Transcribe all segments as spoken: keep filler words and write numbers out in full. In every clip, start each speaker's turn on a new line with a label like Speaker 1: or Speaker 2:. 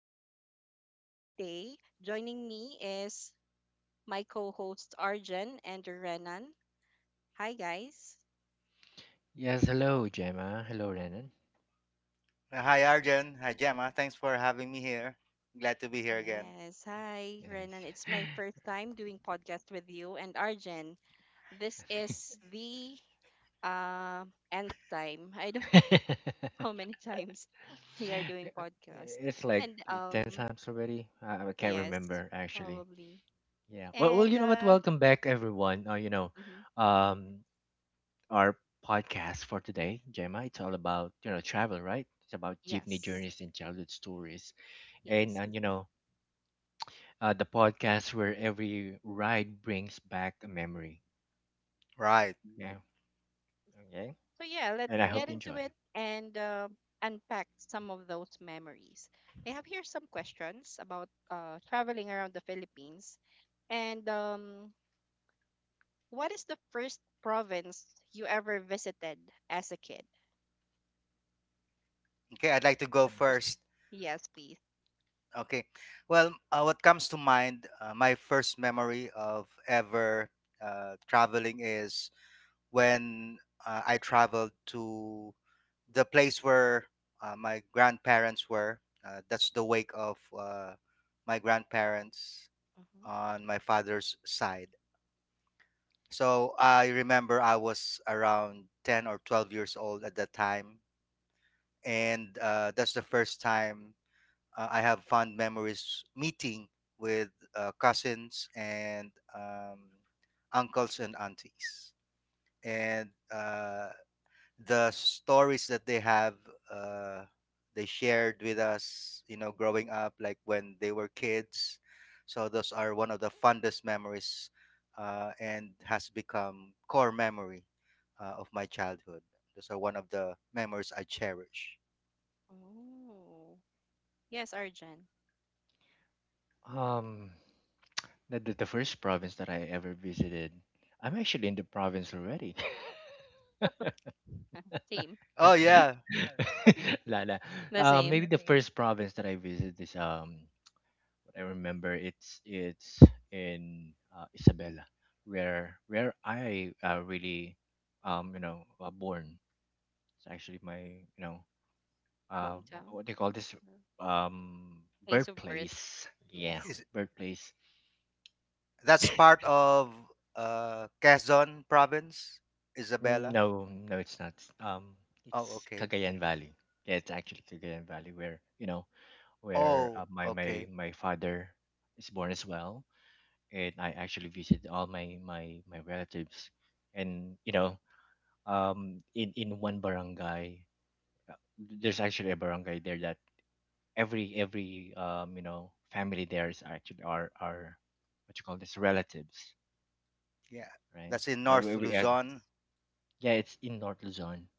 Speaker 1: they go. And today, joining me is my co hosts Arjen and Renan. Hi, guys.
Speaker 2: Yes, hello, Gemma. Hello, Renan.
Speaker 3: Uh, Hi, Arjun. Hi, Gemma. Thanks for having me here. Glad to be here again.
Speaker 1: Yes, hi, Renan. It's
Speaker 2: Yes.
Speaker 1: my first time doing podcast with you and Arjen. This is the uh, nth time. I don't how many times we are doing podcast.
Speaker 2: It's like
Speaker 1: And
Speaker 2: ten
Speaker 1: um
Speaker 2: times already. I I can't
Speaker 1: Yes,
Speaker 2: remember, actually.
Speaker 1: probably.
Speaker 2: Yeah. Well, well,
Speaker 1: And
Speaker 2: you know what?
Speaker 1: uh
Speaker 2: Welcome back, everyone. Uh, you know,
Speaker 1: mhm,
Speaker 2: um, our podcast for today, Gemma, it's all about, you know, travel, right? It's about jeepney
Speaker 1: yes.
Speaker 2: journeys and childhood stories. And,
Speaker 1: Yes.
Speaker 2: and you know, uh, the podcast where every ride brings back a memory.
Speaker 3: Right.
Speaker 2: Yeah. Okay.
Speaker 1: So yeah, let's
Speaker 2: And I hope
Speaker 1: get
Speaker 2: you
Speaker 1: into
Speaker 2: enjoy.
Speaker 1: it and uh, unpack some of those memories. I have here some questions about uh traveling around the Philippines. And um What is the first province you ever visited as a kid?
Speaker 3: Okay, I'd like to go
Speaker 1: The first.
Speaker 3: first.
Speaker 1: Yes, please.
Speaker 3: Okay. Well, uh, what comes to mind, uh, my first memory of ever uh, traveling is when uh, I traveled to the place where uh, my grandparents were. Uh, that's the wake of uh, my grandparents
Speaker 1: Mm-hmm.
Speaker 3: on my father's side. So I remember I was around ten or twelve years old at that time. And uh, that's the first time uh, I have fond memories meeting with uh, cousins and um, uncles and aunties. And uh, the stories that they have uh, they shared with us you know growing up like when they were kids. So those are one of the fondest memories, uh, and has become core memory uh, of my childhood. Those are one of the memories I cherish.
Speaker 1: Oh. Yes, Arjan.
Speaker 2: Um, The, the, the first province that I ever visited, I'm actually in the province already.
Speaker 1: Same.
Speaker 3: Oh yeah.
Speaker 2: La, la.
Speaker 1: The
Speaker 2: Uh, maybe
Speaker 1: same.
Speaker 2: the first province that I visited is um what I remember it's it's in uh, Isabela where where I uh, really um you know uh, born. It's actually my you know uh
Speaker 1: Hometown.
Speaker 2: what do you call this,
Speaker 1: Or
Speaker 2: um
Speaker 1: place of birth.
Speaker 2: birthplace, yeah,
Speaker 1: Yes.
Speaker 3: Is,
Speaker 2: birthplace.
Speaker 3: that's part of uh, Quezon province.
Speaker 2: Mm,
Speaker 3: Isabela.
Speaker 2: no, no, it's not. Um,
Speaker 3: Oh,
Speaker 2: it's
Speaker 3: okay.
Speaker 2: Cagayan Valley. Yeah, it's actually Cagayan Valley where, you know, where uh,
Speaker 3: Oh,
Speaker 2: my my
Speaker 3: okay,
Speaker 2: my father is born as well, and I actually visited all my my my relatives, and you know, um, in in one barangay, there's actually a barangay there that every every um you know family there is actually are are what you call this, relatives,
Speaker 3: yeah.
Speaker 2: right?
Speaker 3: That's in
Speaker 2: Yeah,
Speaker 3: North
Speaker 2: we, we, uh,
Speaker 3: Luzon.
Speaker 1: Yes.
Speaker 2: yeah, it's in North Luzon.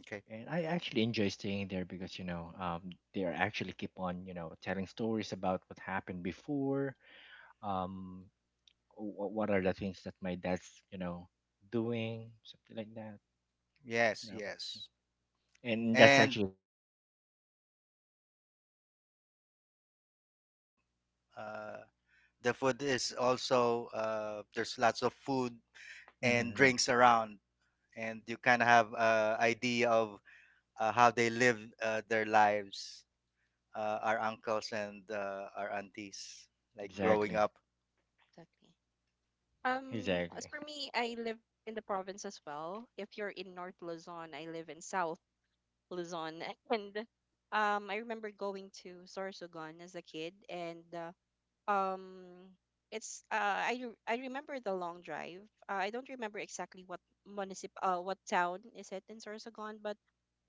Speaker 3: Okay.
Speaker 2: And I actually enjoy staying there because, you know, um, they are actually keep on, you know, telling stories about what happened before, um, wh- what are the things that my dad's, you know, doing, something like that,
Speaker 3: Yes,
Speaker 2: you know.
Speaker 3: yes.
Speaker 2: And
Speaker 1: And,
Speaker 2: that's
Speaker 3: And
Speaker 2: actually the first uh, province that I visit.
Speaker 1: mm,
Speaker 3: right,
Speaker 2: Mm-hmm.
Speaker 3: also the food, uh the food is also uh, there's lots of food and
Speaker 2: Mm-hmm, yeah.
Speaker 3: drinks around. And you kind of have a idea of uh, how they live uh, their lives, uh, our uncles and uh, our aunties, like
Speaker 1: mm-hmm.
Speaker 3: growing
Speaker 2: Exactly,
Speaker 3: up.
Speaker 1: Exactly. Um,
Speaker 2: exactly.
Speaker 1: as for me, I live in the province as well. If you're in North Luzon, I live in South Luzon. And um, I remember going to Sorsogon as a kid, and uh, um it's uh I re- I remember the long drive. Uh, I don't remember exactly what municip uh what town is it in Sorsogon, but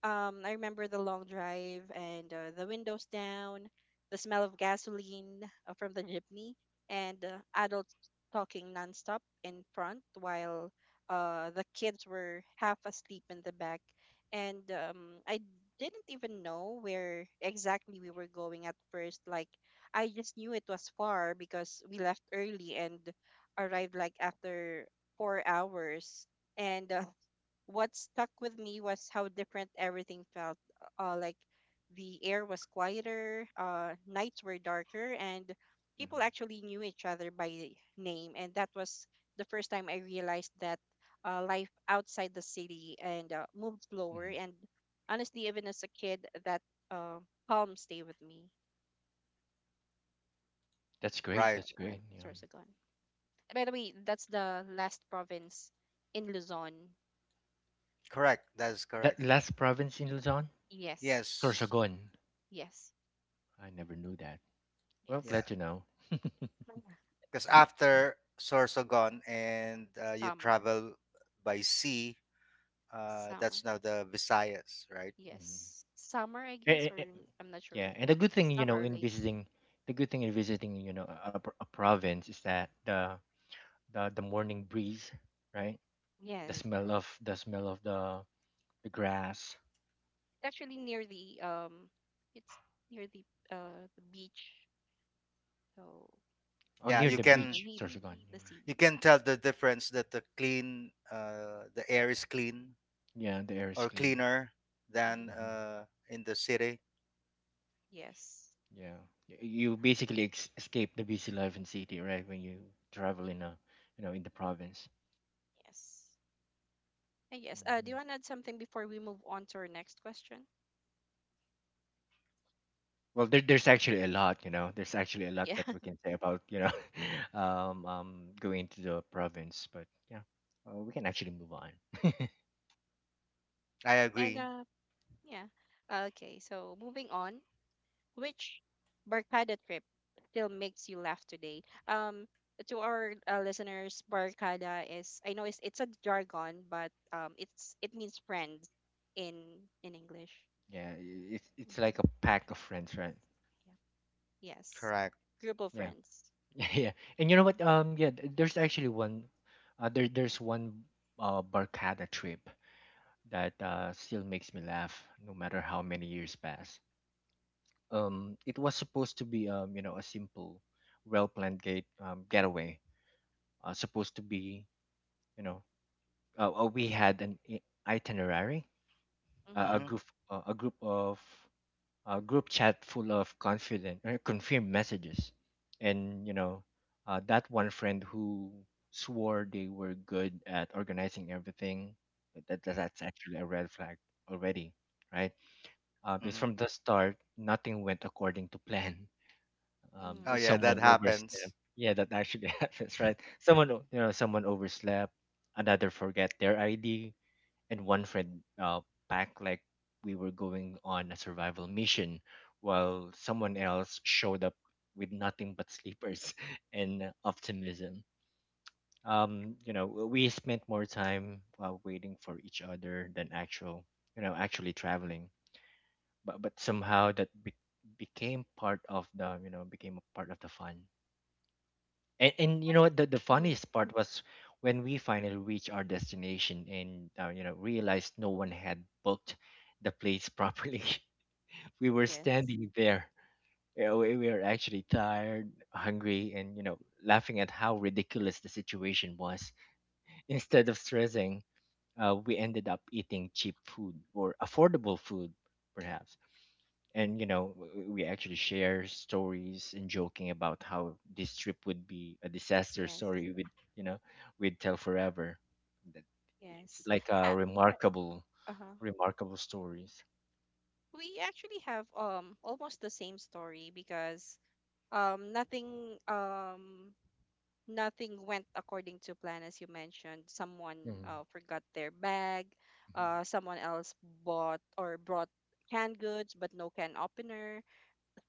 Speaker 1: um, I remember the long drive and uh, the windows down, the smell of gasoline uh, from the jeepney, and uh, adults talking nonstop in front while uh, the kids were half asleep in the back. And um, I didn't even know where exactly we were going at first. Like, I just knew it was far because we left early and arrived like after four hours. And uh, What stuck with me was how different everything felt. Uh, like the air was quieter, uh, nights were darker, and people
Speaker 2: Hmm.
Speaker 1: actually knew each other by name. And that was the first time I realized that uh, life outside the city and uh, moved slower.
Speaker 2: Hmm.
Speaker 1: And honestly, even as a kid, that uh, calm stayed with me.
Speaker 2: That's great.
Speaker 3: Right.
Speaker 1: So
Speaker 2: That's
Speaker 1: yeah,
Speaker 2: great. Yeah.
Speaker 1: Sorsogon. By the way, that's the last province in Luzon.
Speaker 3: Correct, that is correct,
Speaker 2: That
Speaker 3: yeah.
Speaker 2: last province in Luzon,
Speaker 1: Yes,
Speaker 3: Yes.
Speaker 2: Sorsogon.
Speaker 1: yes,
Speaker 2: I never knew that. Well,
Speaker 3: Yeah,
Speaker 1: yes.
Speaker 2: glad to know.
Speaker 3: because after Sorsogon and uh, you
Speaker 1: Summer.
Speaker 3: travel by sea, uh,
Speaker 1: Summer.
Speaker 3: that's now the Visayas, right?
Speaker 2: Mhm.
Speaker 1: Yes. Summer, I guess,
Speaker 2: Eh, eh,
Speaker 1: or
Speaker 2: eh,
Speaker 1: I'm not sure if
Speaker 2: yeah, and the good
Speaker 1: it's
Speaker 2: thing, you know,
Speaker 1: summer or
Speaker 2: in
Speaker 1: later.
Speaker 2: visiting, the good thing in visiting, you know, a, a pro- a province is that the the the morning breeze, right? The
Speaker 1: Yes. It's
Speaker 2: smell of the smell of the the grass.
Speaker 1: actually near the um it's near the uh the beach. So
Speaker 2: Oh,
Speaker 3: Yeah,
Speaker 2: near
Speaker 3: you
Speaker 2: the
Speaker 3: can,
Speaker 1: the
Speaker 2: beach,
Speaker 1: sea
Speaker 2: Sorsogon.
Speaker 1: the
Speaker 2: Mm.
Speaker 1: sea.
Speaker 3: you can tell the difference that the clean uh, the air is clean,
Speaker 2: Yeah, the air is
Speaker 3: or
Speaker 2: clean.
Speaker 3: cleaner than
Speaker 1: Mm-hmm.
Speaker 2: Hmm.
Speaker 3: uh, in the city.
Speaker 1: Yes.
Speaker 2: Yeah, Y- you basically ex- escape the busy life in city, right? When you travel in a, you know, in the province.
Speaker 1: Yes. Uh, Yes. Uh do
Speaker 2: Mm-hmm.
Speaker 1: you wanna add something before we move on to our next question?
Speaker 2: Well, there, there's actually a lot, you know. There's actually a lot
Speaker 1: Yeah.
Speaker 2: that we can say about, you know, um, um, going to the province. But yeah, uh, we can actually move on.
Speaker 3: I
Speaker 1: And
Speaker 3: agree.
Speaker 1: uh Yeah. Uh, Okay, so moving on. Which barkada trip still makes you laugh today? Um, to our uh, listeners, barkada is I know it's it's a jargon, but um, it's it means friends in in English.
Speaker 2: Yeah, i- it's it's
Speaker 1: Mm-hmm.
Speaker 2: like a pack of friends, right?
Speaker 1: Yeah. Yes,
Speaker 3: Correct.
Speaker 1: group of
Speaker 2: Yeah,
Speaker 1: friends.
Speaker 2: yeah, yeah. And you know what? Um, yeah, th- there's actually one, uh, there there's one uh Barkada trip that uh still makes me laugh no matter how many years pass. Um, it was supposed to be um you know a simple, well-planned gate um getaway. Uh, supposed to be you know uh, uh, we had an i- itinerary, uh,
Speaker 1: Mm-hmm.
Speaker 2: a
Speaker 3: Hmm.
Speaker 2: group, uh, a group of a group chat full of confident uh, confirmed messages, and you know, uh, that one friend who swore they were good at organizing everything, that, that that's actually a red flag already, right? Uh, because
Speaker 3: Hmm.
Speaker 2: from the start, nothing went according to plan. Um,
Speaker 1: Mm-hmm.
Speaker 3: Oh yeah,
Speaker 2: someone
Speaker 3: that happens.
Speaker 2: overstepped. Yeah, that actually happens, right? Someone, o- you know, someone overslept. Another forget their I D, and one friend uh, packed like we were going on a survival mission while someone else showed up with nothing but sleepers and optimism. Um, you know we spent more time uh, waiting for each other than actual you know actually traveling, but but somehow that be- became part of the you know became a part of the fun. and and you know
Speaker 1: Actually,
Speaker 2: what, the, the
Speaker 1: mm-hmm.
Speaker 2: funniest part was when we finally reached our destination and uh, you know realized no one had booked the place properly. We were
Speaker 1: Yes.
Speaker 2: standing there. Yeah, we, we were actually tired, hungry, and you know laughing at how ridiculous the situation was. Instead of stressing, uh, we ended up eating cheap food or affordable food, perhaps, and you know w- we actually share stories and joking about how this trip would be a disaster
Speaker 1: Yes.
Speaker 2: story with you know we'd tell forever, that it's
Speaker 1: Yes.
Speaker 2: like a
Speaker 1: Uh,
Speaker 2: remarkable
Speaker 1: uh-huh.
Speaker 2: remarkable stories.
Speaker 1: We actually have um almost the same story because um nothing um nothing went according to plan as you mentioned someone
Speaker 2: Mm-hmm.
Speaker 1: uh, forgot their bag, uh, someone else bought or brought canned goods but no can opener,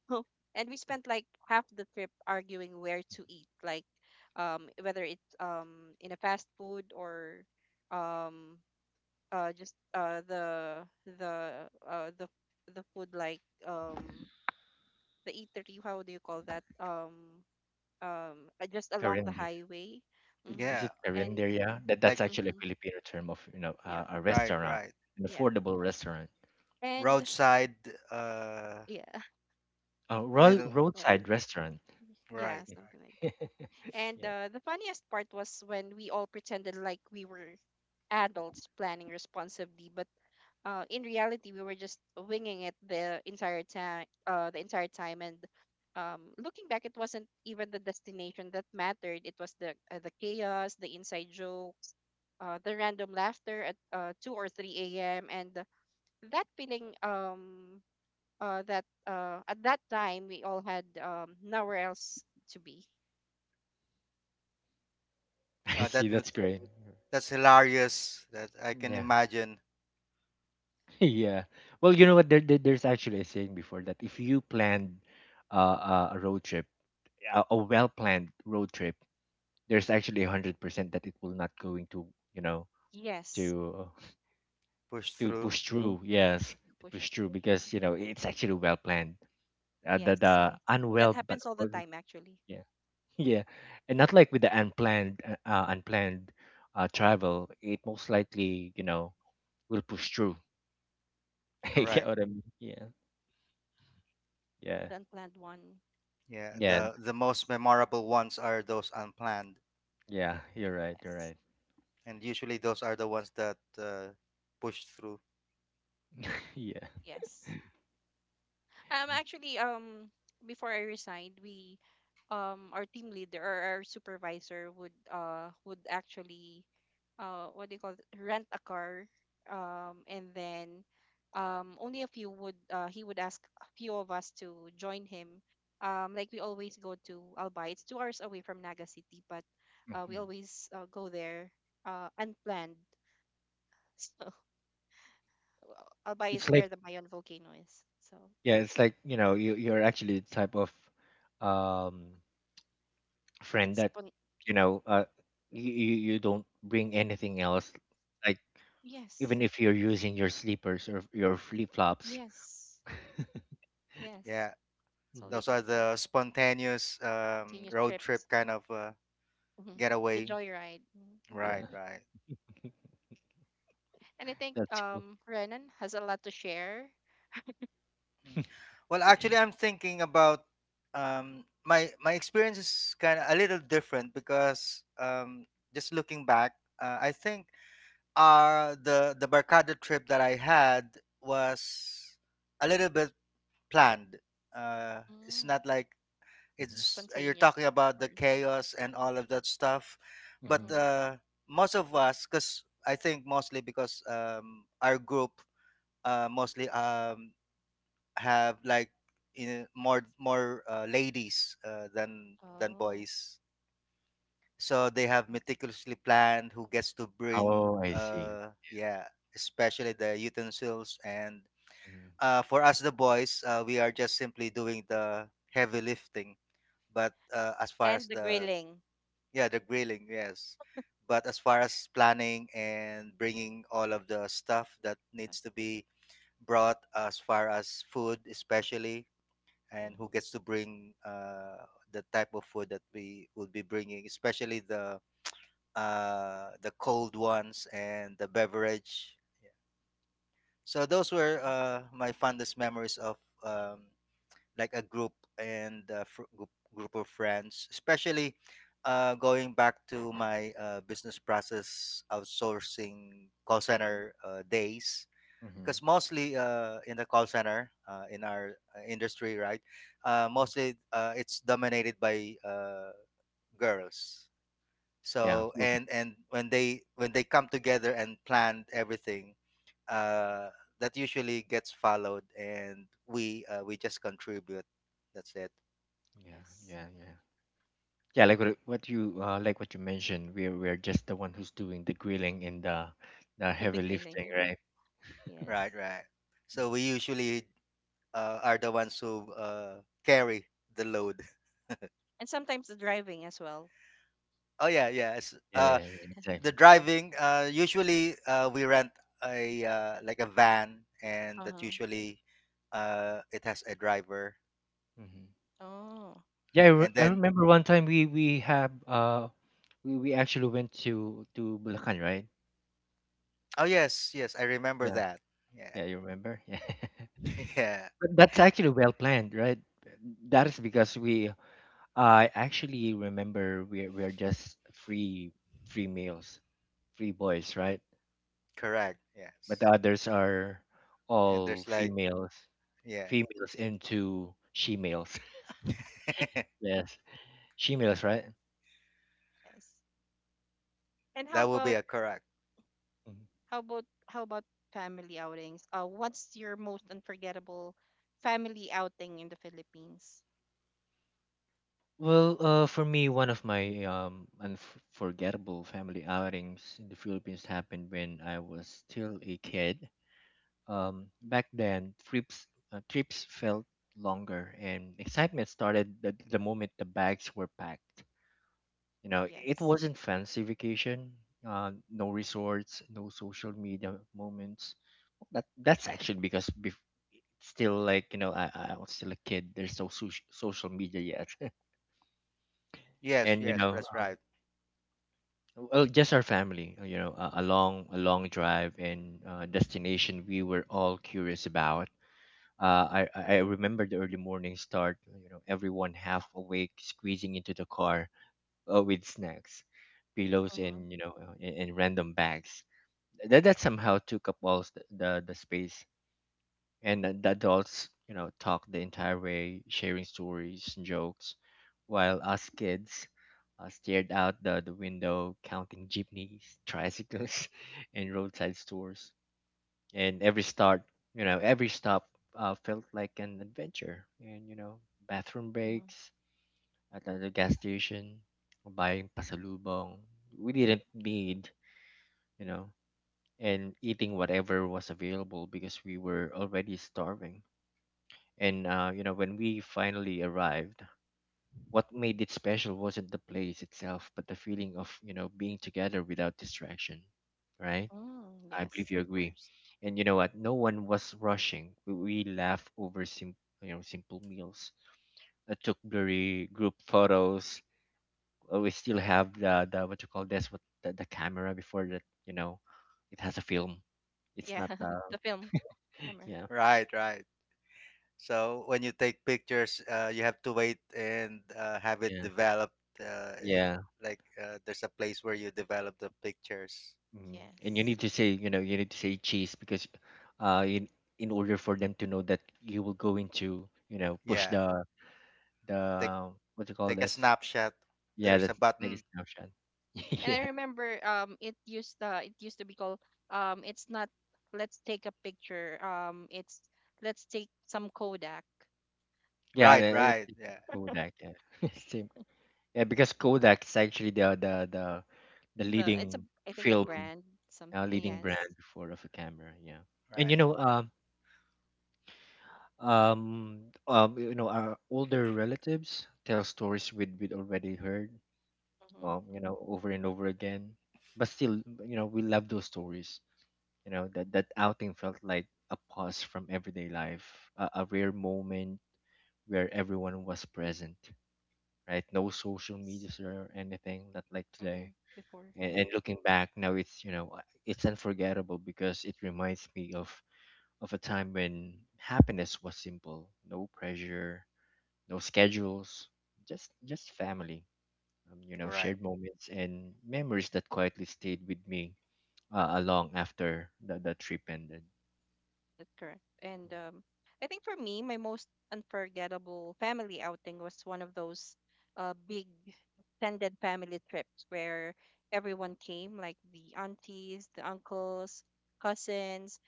Speaker 1: and we spent like half the trip arguing where to eat, like um, whether it's um, in a fast food or um, uh, just uh, the the uh, the the food, like um, the eatery, how do you call that, um, um uh, just along the
Speaker 2: Karinder.
Speaker 1: highway.
Speaker 2: Is,
Speaker 1: Mm-hmm.
Speaker 2: is
Speaker 3: Yeah,
Speaker 2: it
Speaker 1: And
Speaker 2: karinder? Yeah, that that's
Speaker 3: like
Speaker 2: actually a
Speaker 1: mm-hmm.
Speaker 2: Filipino term of you know
Speaker 1: Yep.
Speaker 2: uh, a
Speaker 3: right,
Speaker 2: restaurant,
Speaker 3: right.
Speaker 2: an
Speaker 1: Yep.
Speaker 2: affordable restaurant,
Speaker 1: And
Speaker 3: Roadside, uh
Speaker 1: yeah.
Speaker 2: a ro-
Speaker 3: little.
Speaker 1: Or
Speaker 2: roadside restaurant.
Speaker 1: yeah,
Speaker 3: Right.
Speaker 1: something like that. And
Speaker 2: Yeah,
Speaker 1: uh, the funniest part was when we all pretended like we were adults planning responsibly but uh, in reality we were just winging it the entire time uh, the entire time. And um, Looking back, it wasn't even the destination that mattered. It was the uh, the chaos, the inside jokes, uh, the random laughter at uh, two or three a m and that feeling um uh that uh at that time we all had um nowhere else to be.
Speaker 2: I
Speaker 3: Uh,
Speaker 2: see,
Speaker 3: that would,
Speaker 2: that's great.
Speaker 1: So,
Speaker 3: that's hilarious, that I can
Speaker 2: Yeah,
Speaker 3: imagine.
Speaker 2: yeah. Well, you
Speaker 1: yes.
Speaker 2: know what? There, there, there's actually a saying before that if you planned uh, uh, a road trip, a, a well-planned road trip, there's actually a hundred percent that it will not going to, you know,
Speaker 1: Yes
Speaker 2: to
Speaker 3: Push
Speaker 2: to
Speaker 3: through.
Speaker 2: push through.
Speaker 1: to,
Speaker 2: Yes,
Speaker 1: to
Speaker 2: to
Speaker 1: push
Speaker 2: push
Speaker 1: through.
Speaker 2: through because you know it's actually well-planned. Uh, the the
Speaker 1: Yes, that
Speaker 2: unwell, but
Speaker 1: happens all the
Speaker 2: well,
Speaker 1: time actually.
Speaker 2: yeah, yeah, and not like with the unplanned, uh, uh, unplanned uh, travel. It most likely, you know, will push through. You get
Speaker 3: Correct,
Speaker 2: what I mean? Yeah, yeah,
Speaker 1: The unplanned one.
Speaker 3: yeah,
Speaker 2: yeah.
Speaker 3: the the most
Speaker 1: Yes.
Speaker 3: memorable ones are those unplanned.
Speaker 2: Yeah, you're right. You're
Speaker 1: Yes.
Speaker 2: right.
Speaker 3: And usually those are the ones that uh, push through.
Speaker 2: Yeah.
Speaker 1: Yes. Um, actually, um, before I resigned, we, um, our team leader or our supervisor would, uh, would actually, uh, what do you call it, rent a car, um, and then, um, only a few would, uh, he would ask a few of us to join him. Um, like we always go to Albay. It's two hours away from Naga City, but, uh, we
Speaker 2: Mhm.
Speaker 1: always uh, go there, uh, unplanned. So Albay
Speaker 2: It's
Speaker 1: is where
Speaker 2: like
Speaker 1: the Mayon volcano is. So
Speaker 2: yeah, it's like, you know, you you're actually the type of um
Speaker 1: like
Speaker 2: friend
Speaker 1: it's
Speaker 2: that,
Speaker 1: spon-
Speaker 2: you know, uh you you you don't bring anything else like
Speaker 1: yes.
Speaker 2: even if you're using your sleepers or your flip-flops.
Speaker 1: Yes, yes.
Speaker 3: Yeah,
Speaker 1: It's
Speaker 2: Mhm.
Speaker 1: always
Speaker 3: those are
Speaker 1: like that.
Speaker 3: the spontaneous um,
Speaker 1: Continuous
Speaker 3: road trip
Speaker 1: trips.
Speaker 3: kind of uh,
Speaker 1: Hmm. The
Speaker 3: getaway.
Speaker 1: joyride. Mhm.
Speaker 3: Right,
Speaker 2: Yeah.
Speaker 3: right.
Speaker 1: And I think
Speaker 2: That's cool.
Speaker 1: um Renan has a lot to share.
Speaker 3: Mm. Well, actually, I'm thinking about um, my my experience is kind of a little different because um, just looking back, uh, I think uh, the the Barcada trip that I had was a little bit planned. Uh, it's
Speaker 1: Mm.
Speaker 3: not like
Speaker 2: Mhm.
Speaker 3: it's you're
Speaker 1: Spontaneous.
Speaker 3: talking about the
Speaker 1: Or
Speaker 3: chaos and all of that stuff, but
Speaker 2: Mhm.
Speaker 1: mm-hmm.
Speaker 3: uh most of us, because I think mostly because um our group, uh mostly um have like you more more uh, ladies uh, than than
Speaker 1: Oh.
Speaker 3: boys, so they have
Speaker 1: I see.
Speaker 3: meticulously planned who gets to bring
Speaker 2: Oh, I see.
Speaker 3: uh, yeah, especially the utensils. And
Speaker 2: Mhm.
Speaker 3: uh for us the boys, uh, we are just simply doing the heavy lifting. But uh, as far
Speaker 1: And
Speaker 3: as
Speaker 1: the
Speaker 3: the—
Speaker 1: grilling.
Speaker 3: Yeah, the grilling, yes. But as far as planning and bringing all of the stuff that needs to be brought, as far as food, especially, and who
Speaker 1: Mm-hmm.
Speaker 3: gets to bring uh, the type of food that we would be bringing, especially the uh, the cold ones and the beverage. So those were
Speaker 1: Yes.
Speaker 3: uh, my fondest memories of um, like a group and a fr- group, group of friends, especially uh, going back to my uh, business process outsourcing call center
Speaker 1: Mm-hmm.
Speaker 3: uh, days.
Speaker 2: Mhm.
Speaker 3: Because mostly uh, in the call center uh, in our uh, industry, right? Uh, mostly uh, it's dominated by uh, girls.
Speaker 2: Yeah.
Speaker 3: So
Speaker 2: Okay.
Speaker 3: and and when they when they come together and plan everything, uh, that usually gets followed, and we uh, we just contribute, that's it.
Speaker 2: Yeah,
Speaker 1: Yes.
Speaker 2: yeah, yeah. Yeah, like what what you uh, like what you mentioned, we're we're just the one who's doing the grilling and the the
Speaker 1: The
Speaker 2: heavy
Speaker 1: grilling,
Speaker 2: lifting, right?
Speaker 1: yeah.
Speaker 3: Right,
Speaker 1: Yes.
Speaker 3: right. So
Speaker 2: Mhm.
Speaker 3: we usually uh, are the ones who uh, carry the load.
Speaker 1: And sometimes the driving as well.
Speaker 3: Oh yeah, yeah. It's,
Speaker 2: Yeah,
Speaker 1: If
Speaker 3: uh,
Speaker 2: yeah, yeah,
Speaker 3: the
Speaker 2: exactly.
Speaker 1: Yep.
Speaker 3: driving. Uh, usually uh, we rent a uh, like a van, and that
Speaker 1: Uh-huh.
Speaker 3: usually uh, it has a driver.
Speaker 2: Hmm.
Speaker 1: Oh,
Speaker 2: Yeah, I,
Speaker 3: Uh,
Speaker 2: re
Speaker 3: and
Speaker 2: I
Speaker 3: then—
Speaker 2: remember one time we we have uh we, we actually went to to Bulacan, right?
Speaker 3: oh yes, yes, I remember
Speaker 2: Yeah,
Speaker 3: that. Yeah,
Speaker 2: yeah, you remember?
Speaker 3: yeah,
Speaker 2: Yeah. But that's actually well planned, right? That is because we I actually remember we we're just free free males, free boys, right?
Speaker 3: correct.
Speaker 2: But the
Speaker 3: Yes,
Speaker 2: others are
Speaker 3: and
Speaker 2: all
Speaker 3: there's like
Speaker 2: females.
Speaker 3: yeah,
Speaker 2: Females into she males. Yes, she males, right?
Speaker 1: yes. And how
Speaker 3: that will be
Speaker 1: about
Speaker 3: a correct.
Speaker 2: Mhm.
Speaker 1: How about how about family outings? Uh, what's your most unforgettable family outing in the Philippines?
Speaker 2: Well, uh, for me,
Speaker 1: Yes.
Speaker 2: one of my um, unforgettable family outings in the Philippines happened when I was still a kid. Um, back then, trips uh, trips felt longer, and excitement started the, the moment the bags were packed. You know, it
Speaker 1: Yes.
Speaker 2: wasn't fancy vacation. Uh, no resorts, no social media moments. That that's actually because bef still like you know I, I was still a kid. There's no so- social media yet,
Speaker 3: Yes,
Speaker 2: and you
Speaker 3: yes,
Speaker 2: know,
Speaker 3: that's
Speaker 2: um,
Speaker 3: right.
Speaker 2: well, just our family. Uh, you know, a, a long a long drive and uh, destination we were all curious about. Uh, I I I remember the early morning start. You know, everyone half awake, squeezing into the car uh, with snacks, pillows,
Speaker 1: Mm-hmm.
Speaker 2: and you know, uh, and, and random bags. That that somehow took up all s- the the space, and the the adults you know talk the entire way sharing stories and jokes while us kids uh, stared out the, the window counting jeepneys, tricycles and roadside stores. And every start you know every stop uh, felt like an adventure, and you know bathroom
Speaker 1: Mm-hmm.
Speaker 2: breaks at the the gas station, buying pasalubong we didn't need, you know, and eating whatever was available because we were already starving. And uh, you know, when we finally arrived, what made it special wasn't the place itself, but the feeling of you know being together without distraction, right?
Speaker 1: Mm,
Speaker 2: I believe
Speaker 1: yes,
Speaker 2: you
Speaker 1: of
Speaker 2: agree.
Speaker 1: course.
Speaker 2: And you know what? No one was rushing. We, we laughed over sim- you know simple meals. I took blurry group photos. Uh, We still have the, the what you call this what the, the camera before that you know, it has a film. It's
Speaker 1: Yeah,
Speaker 2: not the
Speaker 1: the film camera.
Speaker 2: yeah.
Speaker 3: Right, right. So when you take pictures, uh, you have to wait and uh, have it
Speaker 2: Yeah,
Speaker 3: developed. Uh, eh,
Speaker 2: yeah.
Speaker 3: like uh, there's a place where you develop the pictures.
Speaker 2: Mm. And you
Speaker 1: Yes.
Speaker 2: need to say, you know, you need to say cheese because, uh, in in order for them to know that you will go into, you know, push
Speaker 3: Yeah,
Speaker 2: the
Speaker 3: take
Speaker 2: the what do you call
Speaker 3: take a
Speaker 2: this?
Speaker 3: snapshot.
Speaker 2: Yeah,
Speaker 3: There's a
Speaker 2: that's like a
Speaker 3: button.
Speaker 2: snapshot.
Speaker 1: And
Speaker 2: Yeah,
Speaker 1: I remember um it used uh, it used to be called um it's not let's take a picture, um, it's let's take some Kodak.
Speaker 2: yeah,
Speaker 3: Right,
Speaker 2: the- it's,
Speaker 3: right.
Speaker 2: it's
Speaker 3: Yeah,
Speaker 2: like Kodak. Yeah, same. Yeah, because Kodak is actually the the the the
Speaker 1: The it's a
Speaker 2: leading
Speaker 1: I think a
Speaker 2: film,
Speaker 1: brand
Speaker 2: uh,
Speaker 1: something.
Speaker 2: leading
Speaker 1: Yes.
Speaker 2: brand before of a camera. Yeah, and you
Speaker 3: right.
Speaker 2: know, um, um, um, you know, our older relatives tell stories we'd we'd already heard
Speaker 1: Mm-hmm.
Speaker 2: um, you know, over and over again. But still, you know, we love those stories. You know, that that outing felt like a pause from everyday life, a, a rare moment where everyone was present, right? No social media or anything that like
Speaker 1: Mm-hmm.
Speaker 2: today.
Speaker 1: Before.
Speaker 2: And,
Speaker 1: Mm-hmm.
Speaker 2: and looking back now, it's you know, it's unforgettable because it reminds me of of a time when happiness was simple, no pressure, no schedules, just just family, um, you know,
Speaker 3: Correct.
Speaker 2: shared moments and memories that quietly stayed with me uh, along after the, the trip ended.
Speaker 1: That's correct. And um, I think for me, my most unforgettable family outing was one of those uh, big extended family trips where everyone came, like the aunties, the uncles, cousins,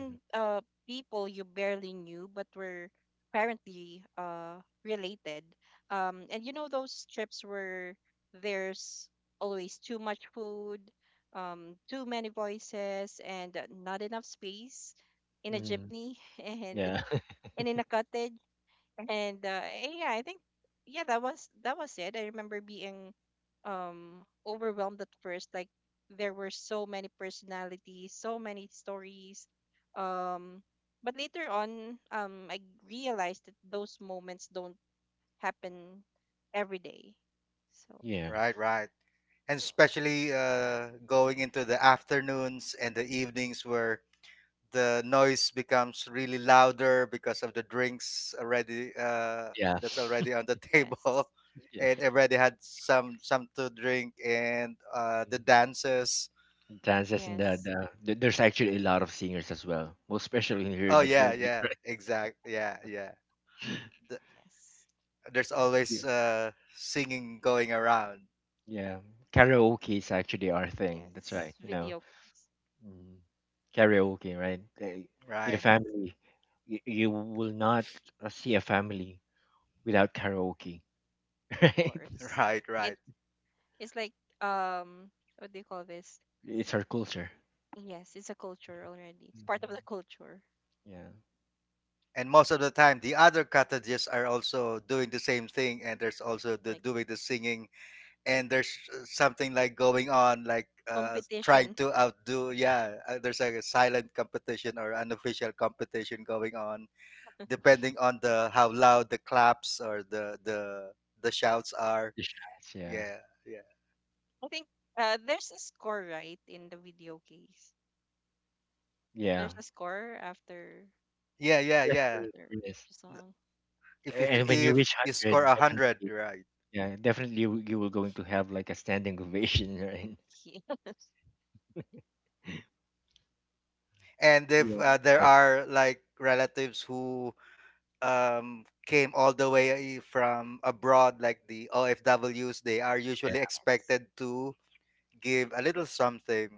Speaker 2: Mm-hmm.
Speaker 1: uh, people you barely knew but were apparently uh, related. Um, and you know those trips where there's always too much food, um, too many voices, and uh, not enough space in a
Speaker 2: Hmm.
Speaker 1: jeepney and
Speaker 2: Yeah,
Speaker 1: and in a cottage and uh, eh, yeah I think yeah, that was that was it. I remember being um overwhelmed at first, like there were so many personalities, so many stories, um, but later on um I realized that those moments don't happen every day. So
Speaker 2: yeah,
Speaker 3: Right, right.
Speaker 1: mm,
Speaker 3: And especially uh, going into the afternoons and the evenings where the noise becomes really louder because of the drinks already uh,
Speaker 2: yeah,
Speaker 3: that's already on the
Speaker 1: yes.
Speaker 3: table,
Speaker 2: yeah.
Speaker 3: and already had some some to drink and uh, the dances.
Speaker 2: Dances and the,
Speaker 1: Yes.
Speaker 2: the th- there's actually a lot of singers as well, most especially here in
Speaker 3: Oh
Speaker 2: the
Speaker 3: yeah,
Speaker 2: Philippines,
Speaker 3: yeah,
Speaker 2: right?
Speaker 3: exact, yeah, yeah. Th-
Speaker 1: Yes.
Speaker 3: there's
Speaker 2: Yeah,
Speaker 3: always uh, singing going around.
Speaker 2: yeah. Karaoke is actually our thing. That's right.
Speaker 1: Yes
Speaker 2: You know,
Speaker 1: video games.
Speaker 2: mm, karaoke, right? Eh, In a
Speaker 3: Right.
Speaker 1: Yes,
Speaker 2: family, you, you will not uh, see a family without karaoke,
Speaker 1: of
Speaker 2: right?
Speaker 1: course.
Speaker 3: Right,
Speaker 1: it
Speaker 3: right.
Speaker 1: It's like um, what do you call this?
Speaker 2: It's our culture.
Speaker 1: Yes, it's a culture already. It's part of the
Speaker 2: Mhm.
Speaker 1: culture.
Speaker 2: Yeah.
Speaker 3: And most of the time the other cottages are also doing the same thing, and there's also the
Speaker 1: Like.
Speaker 3: doing the singing. And there's uh, something like going on like uh trying
Speaker 1: Competition.
Speaker 3: to outdo, yeah, uh, there's like a silent competition or unofficial competition going on, depending on the how loud the claps or the the the shouts are.
Speaker 2: The shots. Yeah.
Speaker 3: Yeah, yeah.
Speaker 1: I think uh there's a score, right, in the video case.
Speaker 2: Yeah.
Speaker 1: There's a score after
Speaker 3: Yeah, yeah,
Speaker 2: Yes, there
Speaker 3: yeah.
Speaker 2: is,
Speaker 1: after
Speaker 2: there
Speaker 1: each
Speaker 2: is.
Speaker 1: song.
Speaker 3: If you,
Speaker 2: A- And when you
Speaker 3: if
Speaker 2: reach one
Speaker 3: you score
Speaker 2: hundred,
Speaker 3: a hundred,
Speaker 2: definitely.
Speaker 3: right.
Speaker 2: Yeah, definitely you, you will going to have like a standing ovation, right?
Speaker 3: And if
Speaker 2: Yeah.
Speaker 1: Yeah.
Speaker 3: uh, there
Speaker 2: Kind of.
Speaker 3: are like relatives who um came all the way from abroad, like the O F Ws, they are
Speaker 2: Yeah.
Speaker 3: usually
Speaker 1: And yes.
Speaker 3: expected to give a little something,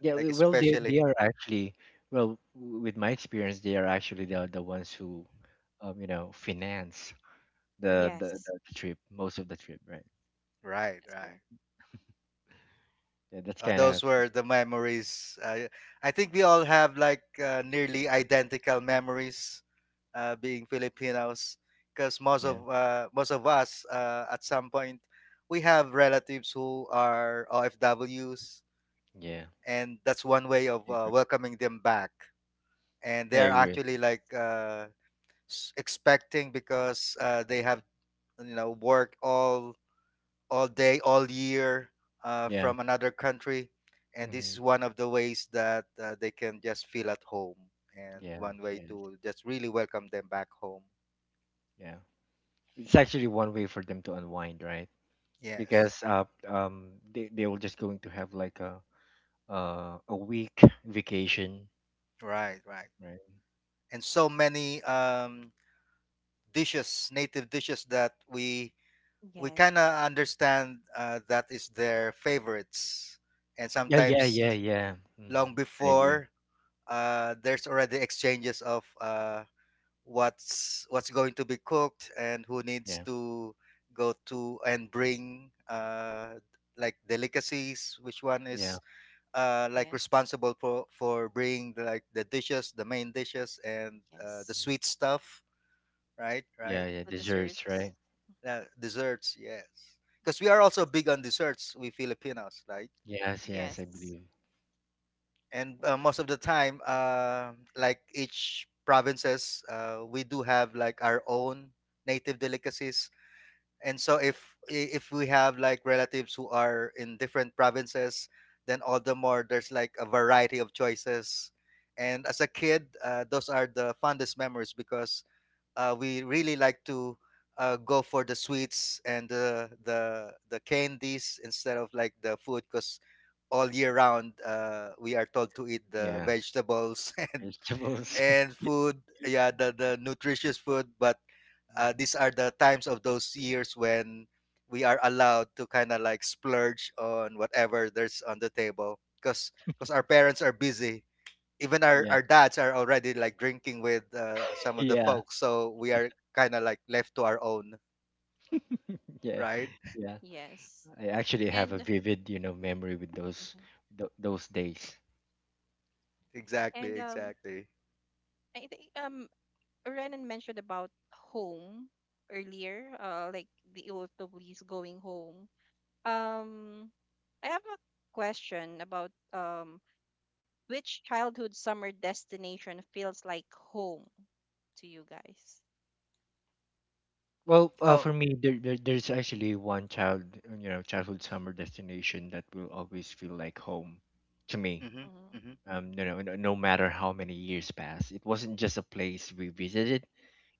Speaker 2: Yeah,
Speaker 3: like
Speaker 2: w- well, they they
Speaker 3: especially—
Speaker 2: are actually, well, w- with my experience, they are actually the the ones who, um, you know, finance the the,
Speaker 1: Yes.
Speaker 2: the, the trip, most of the trip, right?
Speaker 3: Right,
Speaker 1: That's
Speaker 3: right.
Speaker 1: correct.
Speaker 2: Yeah, that's
Speaker 3: Uh,
Speaker 2: kind
Speaker 1: And
Speaker 2: of.
Speaker 3: those were the memories. Uh, I think we all have like uh, nearly identical memories uh, being Filipinos, because most
Speaker 2: Yeah,
Speaker 3: of uh, most of us uh, at some point we have relatives who are O F Ws,
Speaker 2: yeah.
Speaker 3: and that's one way of
Speaker 2: I
Speaker 3: uh,
Speaker 2: agree.
Speaker 3: welcoming them back. And
Speaker 2: I
Speaker 3: they're
Speaker 2: agree.
Speaker 3: actually like uh, s- expecting because uh, they have you know worked all all day, all year uh,
Speaker 2: Yeah.
Speaker 3: from another country. And this is
Speaker 2: Hmm.
Speaker 3: one of the ways that uh, they can just feel at home, and
Speaker 2: Yeah.
Speaker 3: one way
Speaker 2: Yes.
Speaker 3: to just really welcome them back home.
Speaker 2: Yeah. it's actually one way for them to unwind, right?
Speaker 3: Yes,
Speaker 2: Because uh, um, they they were just going to have like a uh, a week vacation,
Speaker 3: right, right.
Speaker 2: right?
Speaker 3: And so many um, dishes, native dishes that we
Speaker 1: yes.
Speaker 3: we kind
Speaker 1: Yes.
Speaker 3: of understand uh, that is their favorites. And
Speaker 2: Yeah, yeah, yeah,
Speaker 3: sometimes
Speaker 2: yeah.
Speaker 3: long
Speaker 2: Hmm. I agree.
Speaker 3: before, uh, there's already exchanges of uh, what's what's going to be cooked and who needs
Speaker 2: Yeah,
Speaker 3: to go to and bring uh like delicacies, which one
Speaker 2: yeah,
Speaker 3: is uh like
Speaker 1: Yes.
Speaker 3: responsible for for bringing the, like the dishes, the main dishes and uh, the
Speaker 2: mm,
Speaker 1: Yes.
Speaker 3: sweet stuff. Right,
Speaker 2: yeah,
Speaker 3: right.
Speaker 2: yeah.
Speaker 1: With the
Speaker 2: Desserts, right?
Speaker 1: shirts.
Speaker 3: Uh, desserts, yes, because we are
Speaker 1: Yes.
Speaker 3: also big on desserts, we Filipinos, right?
Speaker 2: Yes, yes, I
Speaker 1: Yes.
Speaker 2: believe.
Speaker 3: And uh,
Speaker 1: Agree.
Speaker 3: most of the time, uh, like each provinces, uh, we do have like our own native delicacies. And so if i- if we have like relatives who are in different provinces, then all the more there's like a variety of choices. And as a kid, uh, those are the fondest memories, because uh, we really like to uh, go for the sweets and the the the candies, instead of like the food, because all year round uh, we are told to eat the
Speaker 2: Yeah,
Speaker 3: vegetables and
Speaker 2: vegetables.
Speaker 3: and food, yeah, the the nutritious food. But uh,
Speaker 2: Mhm.
Speaker 3: these are the times of those years when we are allowed to kind of like splurge on whatever there's on the table, because because our parents are busy, even our,
Speaker 2: Yeah.
Speaker 3: our dads are already like drinking with uh, some of the
Speaker 2: Yeah,
Speaker 3: folks, so we are kind of like left to our own,
Speaker 2: yeah,
Speaker 3: right?
Speaker 2: yeah.
Speaker 1: Yes.
Speaker 2: I actually have a
Speaker 1: And
Speaker 2: vivid, you know, memory with those
Speaker 1: mhm.
Speaker 2: th- those days.
Speaker 3: Exactly,
Speaker 1: and um
Speaker 3: exactly.
Speaker 1: I think um Renan mentioned about home earlier, uh, like the O F Ws going home. Um, I have a question about um, which childhood summer destination feels like home to you guys?
Speaker 2: Well, uh,
Speaker 3: Oh,
Speaker 2: for me, there, there there's actually one child, you know, childhood summer destination that will always feel like home to me.
Speaker 3: mm-hmm,
Speaker 1: Mm-hmm.
Speaker 3: mm-hmm,
Speaker 2: Um, you know, no, no matter how many years pass, it wasn't just a place we visited.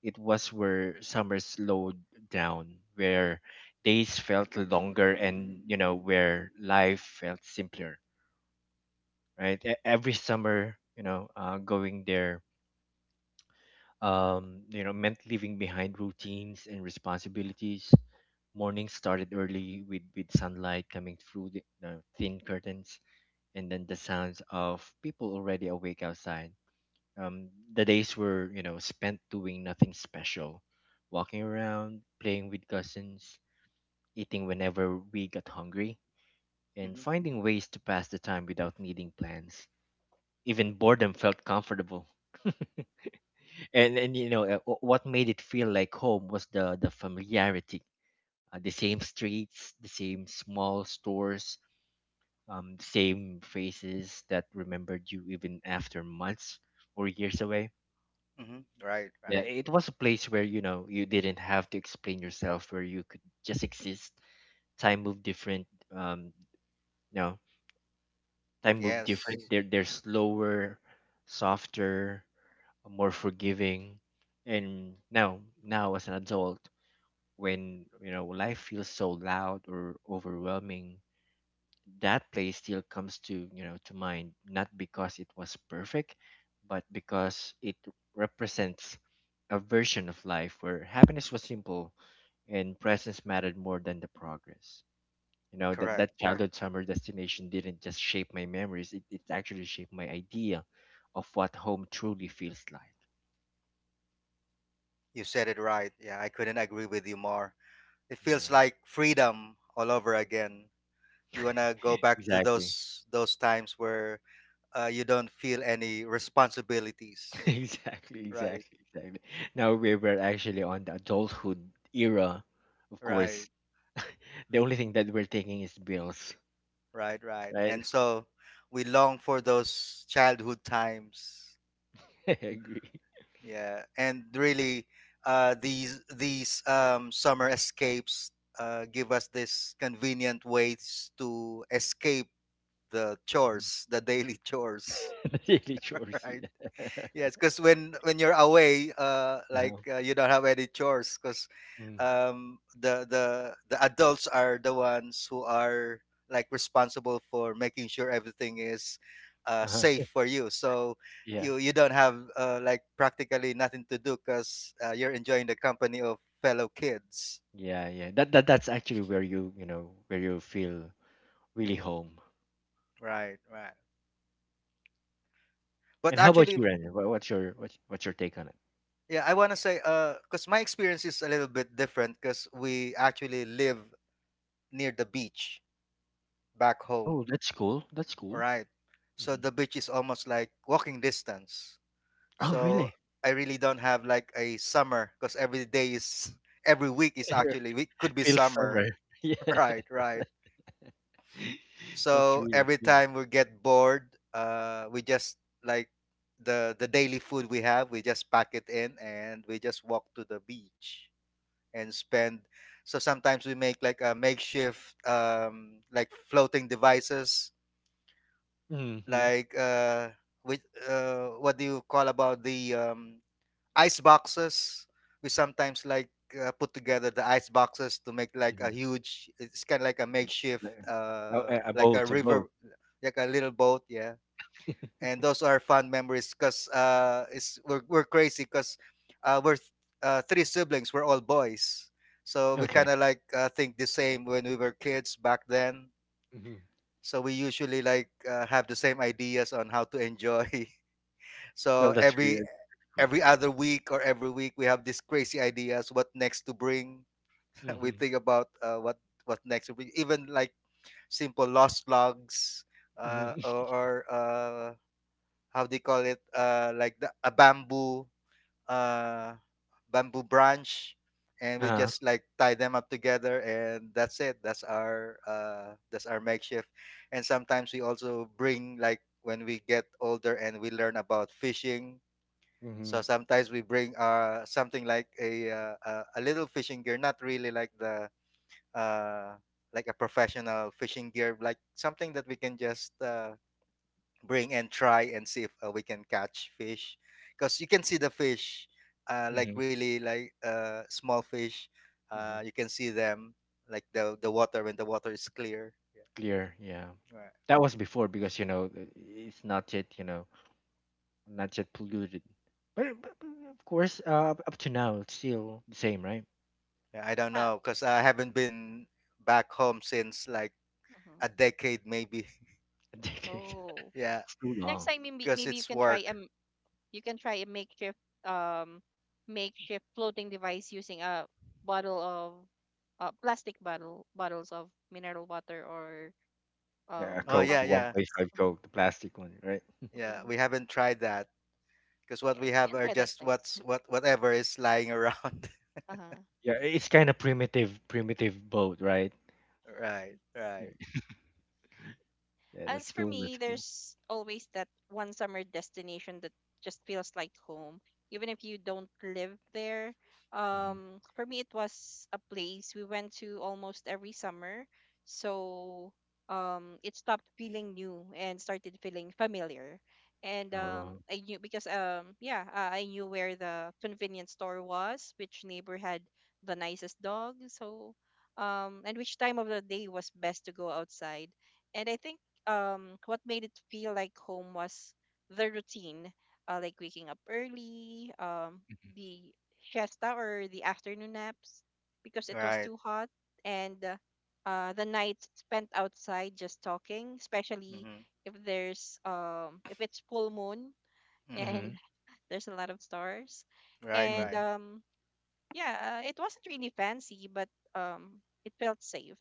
Speaker 2: It was where summer slowed down, where days felt longer, and you know, where life felt simpler. Right? E- Every summer, you know, uh, going there um, you know, meant leaving behind routines and responsibilities. Morning started early with, with sunlight coming through the uh, thin curtains, and then the sounds of people already awake outside. Um, the days were, you know, spent doing nothing special, walking around, playing with cousins, eating whenever we got hungry, and
Speaker 3: mm-hmm,
Speaker 2: finding ways to pass the time without needing plans. Even boredom felt comfortable. and and you know uh, wh- what made it feel like home was the the familiarity, uh, the same streets, the same small stores, um the same faces that remembered you even after months or years away.
Speaker 3: mm-hmm. Right,
Speaker 2: Yeah. Uh,
Speaker 3: right.
Speaker 2: it was a place where, you know you didn't have to explain yourself, where you could just exist. Time moved different, um you time moved
Speaker 3: Yes.
Speaker 2: different, they're, they're slower, softer, more forgiving. And now, now as an adult, when you know life feels so loud or overwhelming, that play still comes to, you know to mind, not because it was perfect, but because it represents a version of life where happiness was simple and presence mattered more than the progress, you know. that
Speaker 3: Correct.
Speaker 2: that Yeah, childhood summer destination didn't just shape my memories, it, it actually shaped my idea of what home truly feels like.
Speaker 3: You said it right, yeah, I couldn't agree with you more. It
Speaker 2: Yeah,
Speaker 3: feels like freedom all over again. You wanna go back to those
Speaker 2: exactly.
Speaker 3: those times where uh, you don't feel any responsibilities.
Speaker 2: Exactly,
Speaker 3: Right,
Speaker 2: exactly, exactly. Now we were actually on the adulthood era, of
Speaker 3: right,
Speaker 2: course. The only thing that we're taking is bills,
Speaker 3: right, right.
Speaker 2: right?
Speaker 3: And so we long for those childhood times.
Speaker 2: I agree.
Speaker 3: Yeah, and really, uh, these these um, summer escapes uh, give us this convenient ways to escape the chores, the daily chores.
Speaker 2: Mhm. Daily chores,
Speaker 3: Right.
Speaker 2: yeah.
Speaker 3: Yes, because when when you're away, uh,
Speaker 2: Uh-huh.
Speaker 3: like uh, you don't have any chores, because
Speaker 2: Mm.
Speaker 3: um, the the the adults are the ones who are like responsible for making sure everything is uh, safe
Speaker 2: Uh-huh.
Speaker 3: for you. So
Speaker 2: Yeah,
Speaker 3: you you don't have uh, like practically nothing to do because uh, you're enjoying the company of fellow kids.
Speaker 2: yeah, yeah. That that that's actually where you you know where you feel really home.
Speaker 3: Right, right. But
Speaker 2: And how about
Speaker 3: actually,
Speaker 2: you, Ren? Wha- What's your what's what's your take on it?
Speaker 3: yeah, I want to say, because my experience is a little bit different, because we actually live near the beach back home.
Speaker 2: Oh, that's cool. That's
Speaker 3: All
Speaker 2: cool.
Speaker 3: right. So
Speaker 2: Hmm.
Speaker 3: the beach is almost like walking distance.
Speaker 2: Oh,
Speaker 3: So
Speaker 2: really?
Speaker 3: I really don't have like a summer because every day is every week is actually we could be
Speaker 2: Feels
Speaker 3: summer.
Speaker 2: summer. Yeah,
Speaker 3: Right, right.
Speaker 2: that's
Speaker 3: So
Speaker 2: really
Speaker 3: every
Speaker 2: cool.
Speaker 3: time we get bored, uh we just like the the daily food we have, we just pack it in and we just walk to the beach and spend. So sometimes we make like a makeshift um like floating devices,
Speaker 2: Mhm,
Speaker 3: like, uh with, uh what do you call about the, um ice boxes. We sometimes like, uh, put together the ice boxes to make like a
Speaker 2: mhm.
Speaker 3: huge, it's kind of like a makeshift,
Speaker 2: Uh,
Speaker 3: uh
Speaker 2: uh, a
Speaker 3: like a
Speaker 2: boat, a boat.
Speaker 3: river, like a little boat, yeah. And those are fun memories because, uh it's we're, we're crazy because uh we're th- uh, three siblings, we're all boys. So we
Speaker 2: Okay.
Speaker 3: kind of like, uh, think the same when we were kids back then.
Speaker 2: Mhm.
Speaker 3: So we usually like, uh, have the same ideas on how to enjoy.
Speaker 2: Well,
Speaker 3: So
Speaker 2: that's
Speaker 3: every
Speaker 2: really pretty cool.
Speaker 3: every other week or every week, we have these crazy ideas what next to bring. We
Speaker 2: Mhm,
Speaker 3: think about, uh, what what next to bring, even like simple lost logs, uh,
Speaker 2: mhm.
Speaker 3: or, or uh, how they call it, uh, like the, a bamboo, uh, bamboo branch, and we
Speaker 2: Uh-huh.
Speaker 3: just like tie them up together, and that's it. That's our uh, that's our makeshift. And sometimes we also bring like when we get older and we learn about fishing. So
Speaker 2: Mhm,
Speaker 3: sometimes we bring, uh something like a uh, a, a little fishing gear, not really like the uh like a professional fishing gear, like something that we can just, uh, bring and try and see if, uh, we can catch fish, because you can see the fish, uh, like
Speaker 2: mhm,
Speaker 3: really like, uh, small fish,
Speaker 2: mhm.
Speaker 3: uh, you can see them, like the the water, when the water is clear. Yeah.
Speaker 2: Clear, yeah.
Speaker 3: Right.
Speaker 2: That was before because, you know i- it's not yet, you know not yet polluted, but, but, but of course, uh, up to now it's still the same, right?
Speaker 3: Yeah, I don't
Speaker 1: Uh,
Speaker 3: know because I haven't been back home since like
Speaker 1: mhm.
Speaker 3: a decade maybe.
Speaker 2: A decade.
Speaker 1: Oh,
Speaker 3: Yeah,
Speaker 2: It's too
Speaker 1: next
Speaker 2: long.
Speaker 1: time maybe
Speaker 3: because
Speaker 1: maybe you
Speaker 3: it's
Speaker 1: can try
Speaker 3: work.
Speaker 1: um you can try a makeshift um makeshift floating device using a bottle of uh, plastic bottle, bottles of mineral water or
Speaker 2: Yeah, a
Speaker 1: um
Speaker 3: Oh
Speaker 2: Coke,
Speaker 3: yeah,
Speaker 1: soft
Speaker 2: the one
Speaker 3: yeah.
Speaker 2: point
Speaker 1: drinks.
Speaker 2: five Coke, the plastic one, right?
Speaker 1: Hmm.
Speaker 3: Yeah,
Speaker 1: Hmm.
Speaker 3: we haven't tried that because what we
Speaker 1: Yes, you
Speaker 3: have
Speaker 1: can
Speaker 3: are
Speaker 1: try that
Speaker 3: just
Speaker 1: next.
Speaker 3: what's what whatever is lying around.
Speaker 1: Uh-huh.
Speaker 2: Yeah, it's kind of primitive, primitive boat, right?
Speaker 3: Right, right.
Speaker 2: Yeah, yeah, that's
Speaker 1: As for
Speaker 2: cool.
Speaker 1: me,
Speaker 2: That's cool.
Speaker 1: there's always that one summer destination that just feels like home, even if you don't live there.
Speaker 2: Hmm.
Speaker 1: Um, for me, it was a place we went to almost every summer, so um, it stopped feeling new and started feeling familiar. And um,
Speaker 2: Oh.
Speaker 1: I knew because um, yeah, uh, I knew where the convenience store was, which neighbor had the nicest dog, so um, and which time of the day was best to go outside. And I think um what made it feel like home was the routine, uh, like waking up early, um, the siesta or the afternoon naps because it was
Speaker 3: Right.
Speaker 1: too hot, and uh, uh, the nights spent outside just talking, especially
Speaker 3: Mm-hmm.
Speaker 1: if there's um if it's full moon
Speaker 3: Mm-hmm.
Speaker 1: and
Speaker 2: Mm-hmm.
Speaker 1: there's a lot of stars,
Speaker 3: Right,
Speaker 1: and
Speaker 2: Hmm.
Speaker 3: right.
Speaker 1: um yeah, uh, it wasn't really fancy, but um it felt safe.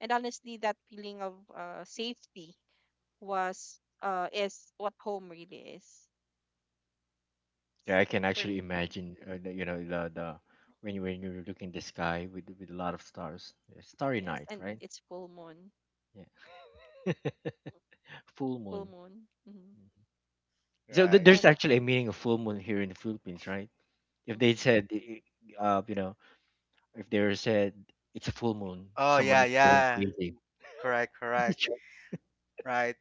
Speaker 1: And honestly, that feeling of uh, safety was uh is what home really is.
Speaker 2: Yeah, I
Speaker 1: So
Speaker 2: can
Speaker 1: for
Speaker 2: actually
Speaker 1: me, mhm.
Speaker 2: imagine. Uh, the, you know, the the when you when you're looking the sky with with a lot of stars, yeah, starry
Speaker 1: Yes,
Speaker 2: night,
Speaker 1: and
Speaker 2: right?
Speaker 1: it's full moon.
Speaker 2: Yeah.
Speaker 1: Mhm.
Speaker 2: Full
Speaker 1: Full
Speaker 2: moon.
Speaker 1: moon, hmm.
Speaker 2: Mhm. So th-
Speaker 3: Right.
Speaker 2: there's
Speaker 1: And
Speaker 2: actually a meaning of full moon here in the Philippines, right? If
Speaker 1: mhm,
Speaker 2: they said, I- I- uh, you know, If they said it's a full moon,
Speaker 3: Oh
Speaker 2: someone
Speaker 3: yeah,
Speaker 2: is going
Speaker 3: yeah.
Speaker 2: crazy.
Speaker 3: Correct,
Speaker 2: Is it
Speaker 3: correct.
Speaker 2: true?
Speaker 3: Right.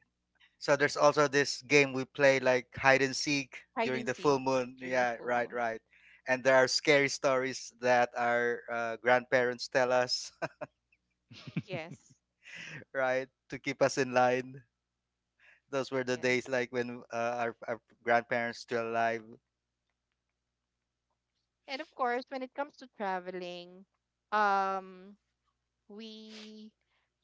Speaker 3: So there's also this game we play, like hide and seek
Speaker 1: hide
Speaker 3: during
Speaker 1: and
Speaker 3: the
Speaker 1: seek
Speaker 3: full moon.
Speaker 1: during the
Speaker 3: Yeah,
Speaker 1: full
Speaker 3: right,
Speaker 1: moon.
Speaker 3: right. And there are scary stories that our, uh, grandparents tell us,
Speaker 1: Yes,
Speaker 3: right, to keep us in line. Those were the days,
Speaker 1: yes.
Speaker 3: like when, uh, our, our grandparents still alive.
Speaker 1: And of course, when it comes to traveling, um, we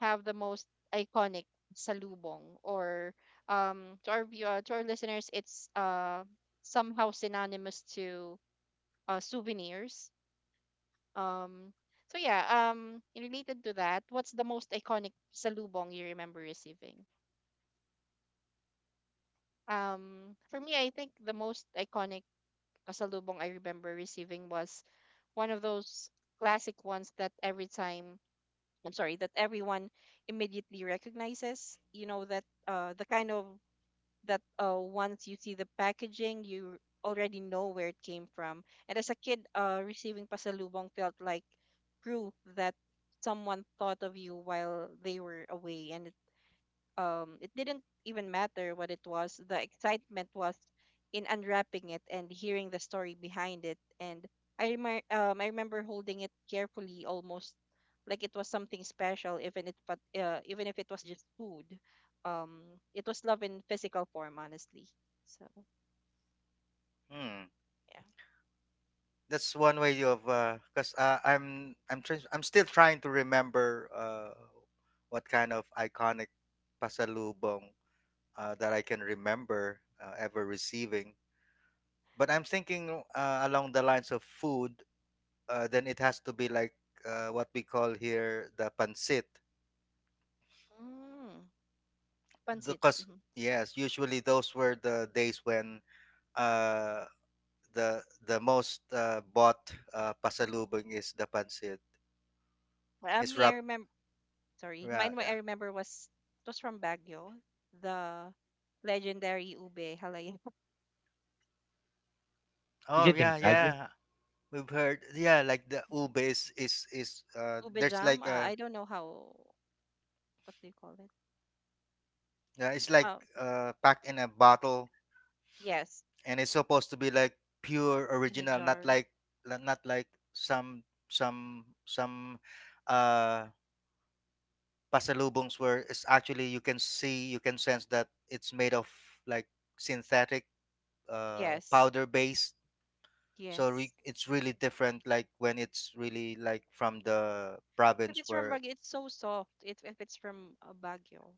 Speaker 1: have the most iconic salubong or um, to our view- uh, to our listeners, it's uh somehow synonymous to uh souvenirs. Um, so yeah, um, related to that, what's the most iconic salubong you remember receiving? Um, for me, I think the most iconic salubong I remember receiving was one of those classic ones that every time, I'm sorry, that everyone immediately recognizes. You know that uh, the kind of that uh, once you see the packaging, you already know where it came from. And as a kid, uh, receiving pasalubong felt like proof that someone thought of you while they were away, and um it didn't even matter what it was. The excitement was in unwrapping it and hearing the story behind it. And i remember um i remember holding it carefully, almost like it was something special, even it but uh, even if it was just food. um it was love in physical form, honestly. So
Speaker 3: Hmm.
Speaker 1: yeah.
Speaker 3: That's one way of, because, uh, 'cause, uh, I'm I'm tr- I'm still trying to remember, uh, what kind of iconic pasalubong, uh, that I can remember, uh, ever receiving. But I'm thinking, uh, along the lines of food. Uh, then it has to be like, uh, what we call here the pancit.
Speaker 1: Mm, pancit.
Speaker 3: Because,
Speaker 1: Mm-hmm.
Speaker 3: yes, usually those were the days when, uh, the the most, uh, bought, uh, pasalubong is the pancit.
Speaker 1: uh,
Speaker 3: It's
Speaker 1: me I
Speaker 3: wrapped.
Speaker 1: remember Sorry,
Speaker 3: Yeah,
Speaker 1: mine, what I
Speaker 3: yeah.
Speaker 1: remember was it was from Baguio, the legendary ube halaya.
Speaker 2: Is
Speaker 3: Oh,
Speaker 2: it in
Speaker 3: yeah,
Speaker 2: Baguio?
Speaker 3: yeah. We've heard. Yeah, like the ube is, is, is, uh,
Speaker 1: Ube
Speaker 3: there's
Speaker 1: jam. Uh,
Speaker 3: like a,
Speaker 1: I don't know how. What do you call it?
Speaker 3: yeah, it's like,
Speaker 1: Um,
Speaker 3: uh, packed in a bottle,
Speaker 1: yes,
Speaker 3: and it's supposed to be like pure
Speaker 1: in a
Speaker 3: original, not
Speaker 1: jar.
Speaker 3: like, not like some some some uh pasalubongs where it's actually you can see, you can sense that it's made of like synthetic, uh
Speaker 1: Yes,
Speaker 3: powder base. So
Speaker 1: yes.
Speaker 3: re- it's really different, like when it's really like from the
Speaker 1: If
Speaker 3: province.
Speaker 1: it's from
Speaker 3: Where?
Speaker 1: Baguio, it's so soft. It, if it's from uh, Baguio,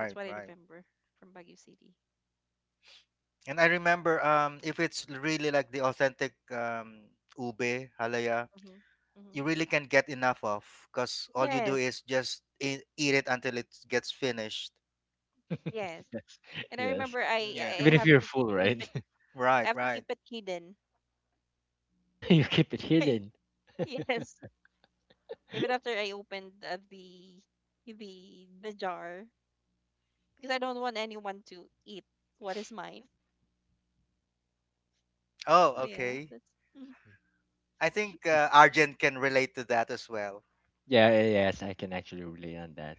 Speaker 1: that's what I
Speaker 3: right.
Speaker 1: remember from Baguio City.
Speaker 3: And I remember, um if it's really like the authentic, um ube halaya,
Speaker 1: Mm-hmm. Mm-hmm.
Speaker 3: you really can't get enough of because all you do
Speaker 1: Yes,
Speaker 3: is just eat, eat it until it gets finished.
Speaker 1: yes.
Speaker 2: Yes.
Speaker 1: And I
Speaker 2: Yes.
Speaker 1: remember, I
Speaker 3: Yeah.
Speaker 1: I
Speaker 2: Even if
Speaker 1: have
Speaker 2: you're
Speaker 1: to
Speaker 2: full,
Speaker 1: keep
Speaker 2: right?
Speaker 1: it. I
Speaker 3: Right,
Speaker 1: have to keep
Speaker 3: right.
Speaker 1: it hidden.
Speaker 2: You keep it hidden.
Speaker 1: Yes, even after I opened uh, the the the jar because I don't want anyone to eat what is mine. Oh
Speaker 3: Oh,
Speaker 1: yeah,
Speaker 3: okay.
Speaker 1: that's mm,
Speaker 3: I think, uh, Argent can relate to that as well.
Speaker 2: Yeah, yeah, yeah, yes, I can actually relate on that.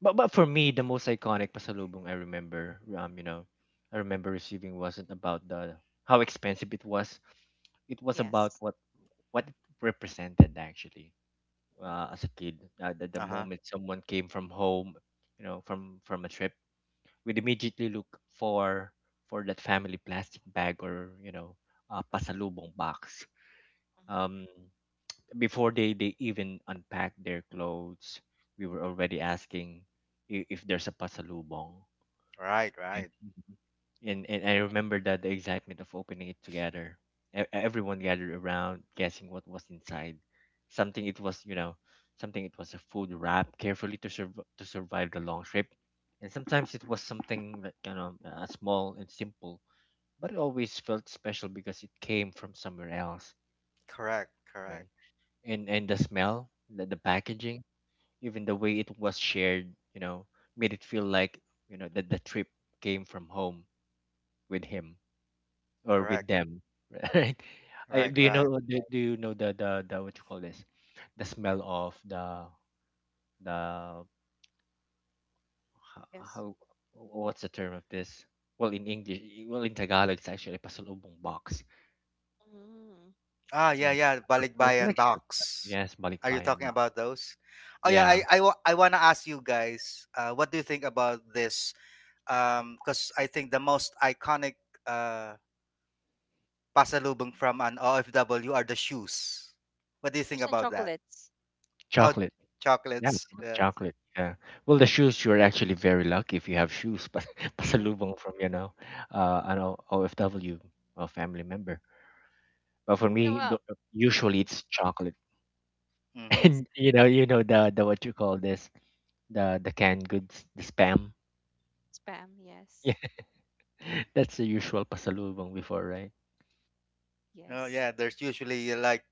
Speaker 2: But but for me, the most iconic pasalubong, I remember, um, you know, I remember receiving wasn't about the how expensive it was. It was about
Speaker 1: yes.
Speaker 2: what what it represented actually,
Speaker 1: Mhm.
Speaker 2: uh, as a kid. Uh, the, the
Speaker 3: Uh huh.
Speaker 2: moment someone came from home, you know, from from a trip, we'd immediately look for for that family plastic bag, or, you know, uh, pasalubong box.
Speaker 1: Uh-huh.
Speaker 2: Um, before they they even unpacked their clothes, we were already asking if, if there's a pasalubong,
Speaker 3: Right,
Speaker 2: and,
Speaker 3: right.
Speaker 2: mhm, and and I
Speaker 1: And-
Speaker 2: remember that the excitement of opening it together. E- everyone gathered around, guessing what was inside. something it was you know Something it was, a food wrap carefully to survive, to survive the long trip. And sometimes it was something that kind of, uh, small and simple, but it always felt special because it came from somewhere else,
Speaker 3: Correct,
Speaker 2: right.
Speaker 3: correct,
Speaker 2: And and the smell, the, the packaging, even the way it was shared, you know, made it feel like, you know, that the trip came from home with him or with
Speaker 3: correct.
Speaker 2: them, right? I,
Speaker 3: Right,
Speaker 2: do you
Speaker 3: right.
Speaker 2: know do, do you know the, the the what you call this? The smell of the the ho-
Speaker 1: Yes.
Speaker 2: how, what's the term of this? Well, in English, well in Tagalog, it's actually pasalubong box.
Speaker 1: Mm.
Speaker 3: Ah, yeah,
Speaker 2: Yeah,
Speaker 3: yeah. Balikbayan
Speaker 2: like surprise.
Speaker 3: box.
Speaker 2: Yes,
Speaker 3: Are you
Speaker 2: balikpayan
Speaker 3: talking
Speaker 2: ba?
Speaker 3: about those? Oh, yeah.
Speaker 2: Yeah,
Speaker 3: I, I, wa- I want to ask you guys, uh, what do you think about this? Because I think the most iconic. Uh. Pasalubong from an O F W are the shoes. What do you think
Speaker 1: There's
Speaker 3: about that?
Speaker 1: chocolates.
Speaker 3: Oh,
Speaker 2: chocolate. Yeah,
Speaker 3: chocolates.
Speaker 2: from
Speaker 3: Yeah.
Speaker 1: Chocolates.
Speaker 2: chocolate. Yeah. Well, the shoes, you're actually very lucky if you have shoes, but
Speaker 1: Yes.
Speaker 2: pasalubong from, you know, uh, an O- OFW, uh, family member. But for
Speaker 1: You know
Speaker 2: me, the-
Speaker 1: what?
Speaker 2: usually
Speaker 1: Hmm.
Speaker 2: it's chocolate.
Speaker 3: Mm-hmm.
Speaker 1: Yes.
Speaker 2: And, you know, you know the, the what you call this, the, the canned goods, the spam.
Speaker 1: Spam. Yes.
Speaker 2: Yeah, that's the usual pasalubong before, right?
Speaker 3: Oh,
Speaker 1: Yes.
Speaker 3: yeah. There's usually, uh, like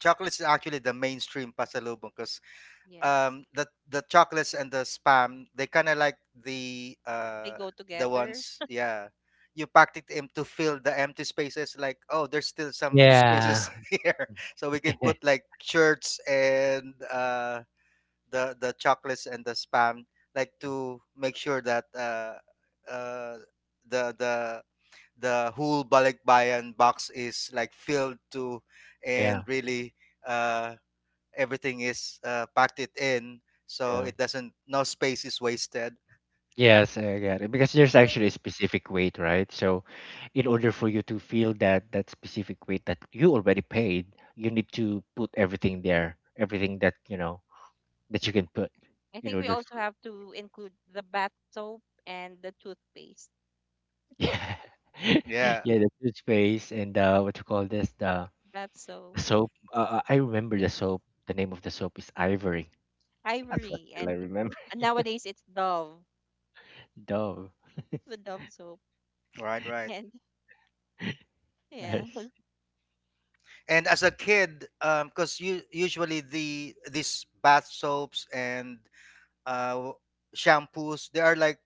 Speaker 3: chocolates is actually the mainstream pasalubong, because,
Speaker 1: Yes.
Speaker 3: um the the chocolates and the spam, they kind of like the
Speaker 1: They
Speaker 3: uh
Speaker 1: go
Speaker 3: the
Speaker 1: together.
Speaker 3: ones, yeah. You packed it in to fill the empty spaces, like oh, there's still some
Speaker 2: Yeah.
Speaker 3: spaces here, so we can put like shirts and, uh the the chocolates and the spam, like to make sure that, uh uh the the the whole balikbayan box is like filled to, and
Speaker 2: Yeah.
Speaker 3: really, uh everything is, uh, packed it in so
Speaker 2: Yeah.
Speaker 3: it doesn't, no space is wasted.
Speaker 2: Yes, I get it. Because there's
Speaker 1: I think
Speaker 2: actually a specific weight, right? So, in order for you to feel that, that specific weight that you already paid, you need to put everything there, everything that, you know that you can put
Speaker 1: I
Speaker 2: in
Speaker 1: think we
Speaker 2: order
Speaker 1: also
Speaker 2: for.
Speaker 1: have to include the bath soap and the toothpaste.
Speaker 2: Yeah,
Speaker 3: Yeah,
Speaker 2: yeah, the toothpaste and, uh, what you call this, the
Speaker 1: Bath soap.
Speaker 2: soap. Uh, uh, I remember the
Speaker 1: Yes.
Speaker 2: soap. The name of the soap is Ivory. That's what
Speaker 1: Ivory,
Speaker 2: still I
Speaker 1: and
Speaker 2: remember.
Speaker 1: and nowadays it's Dove.
Speaker 2: Dove.
Speaker 1: The Dove soap.
Speaker 3: right, right.
Speaker 1: And yeah,
Speaker 2: Yes.
Speaker 3: And as a kid, um because you usually the these bath soaps and, uh shampoos, they are like,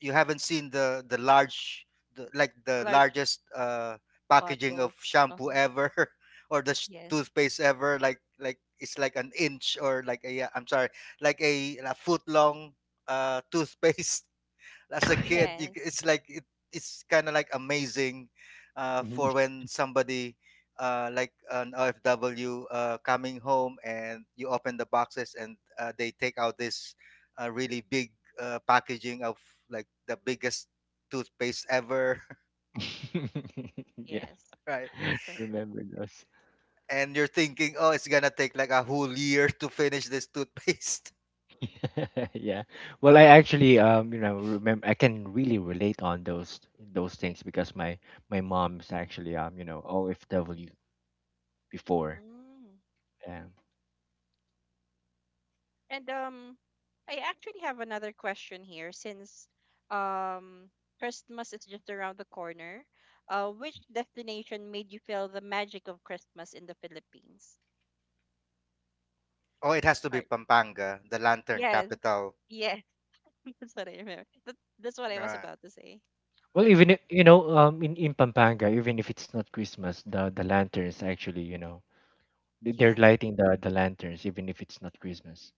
Speaker 3: you haven't seen the the large, the, like the
Speaker 1: large
Speaker 3: largest, uh packaging of
Speaker 1: bottles. uh
Speaker 3: shampoo ever, or the sh-
Speaker 1: Yes.
Speaker 3: toothpaste ever, like like it's like an inch or like a, am sorry, like a, a foot long, uh toothpaste. As a kid you,
Speaker 1: Yes.
Speaker 3: it's like it, it's kind of like amazing, uh,
Speaker 2: Mhm.
Speaker 3: for when somebody, uh, like an O F W, uh, coming home, and you open the boxes, and, uh, they take out this, uh, really big, uh, packaging of like the biggest toothpaste ever.
Speaker 2: Yeah,
Speaker 1: Yes.
Speaker 3: Right.
Speaker 1: Perfect.
Speaker 2: remember those.
Speaker 3: And you're thinking, oh, it's gonna take like a whole year to finish this toothpaste.
Speaker 2: Yeah. Well, I actually, um you know remember I can really relate on those, those things, because my, my mom's actually, um you know O F W before.
Speaker 1: Mm.
Speaker 2: Yeah.
Speaker 1: And um, I actually have another question here since um Christmas is just around the corner. Uh, which destination made you feel the magic of Christmas in the Philippines?
Speaker 3: Oh, it has to
Speaker 1: All
Speaker 3: be
Speaker 1: right.
Speaker 3: Pampanga, the lantern
Speaker 1: Yes,
Speaker 3: capital.
Speaker 1: yes, that's what I remember. That, that's what I was
Speaker 3: Right?
Speaker 1: about to say.
Speaker 2: Well,
Speaker 1: But
Speaker 2: even, i- you know um in in Pampanga, even if it's not Christmas, the the lanterns, actually, you know they- they're
Speaker 1: yes,
Speaker 2: lighting the the lanterns even if it's not Christmas,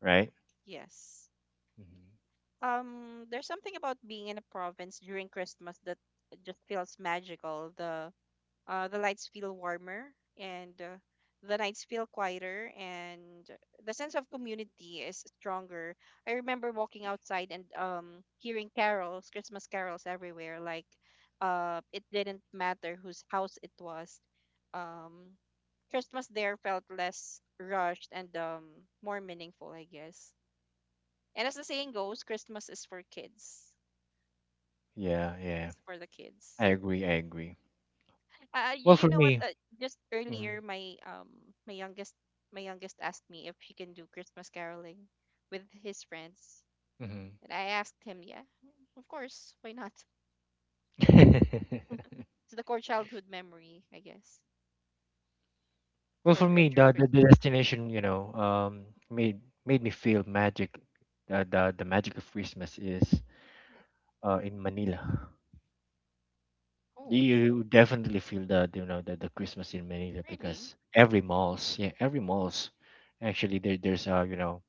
Speaker 2: right?
Speaker 1: yes.
Speaker 2: Hmm.
Speaker 1: Um, there's something about being in a province during Christmas that just feels magical. The Uh, the lights feel warmer, and uh, the nights feel quieter, and the sense of community is stronger. I remember walking outside and um, hearing carols, Christmas carols everywhere. Like, uh, it didn't matter whose house it was. Um, Christmas there felt less rushed and um, more meaningful, I guess. And as the saying goes, Christmas is for kids.
Speaker 2: Yeah, yeah.
Speaker 1: It's for the kids.
Speaker 2: I agree. I agree.
Speaker 1: Uh, you,
Speaker 2: Well,
Speaker 1: you
Speaker 2: for
Speaker 1: know what?
Speaker 2: me.
Speaker 1: Uh, just earlier, my um, my youngest, my youngest asked me if she can do Christmas caroling with his friends,
Speaker 2: Mm-hmm.
Speaker 1: and I asked him, yeah, of course, why not? It's the core childhood memory, I guess,
Speaker 2: Well,
Speaker 1: for
Speaker 2: for
Speaker 1: uh,
Speaker 2: me,
Speaker 1: during
Speaker 2: the, the the
Speaker 1: Christmas.
Speaker 2: destination, you know, um, made made me feel magic. Uh, the the magic of Christmas is, uh in Manila.
Speaker 1: Oh,
Speaker 2: You definitely feel, the you know the, the Christmas in Manila,
Speaker 1: really?
Speaker 2: because every malls, yeah, every malls, actually there there's a you know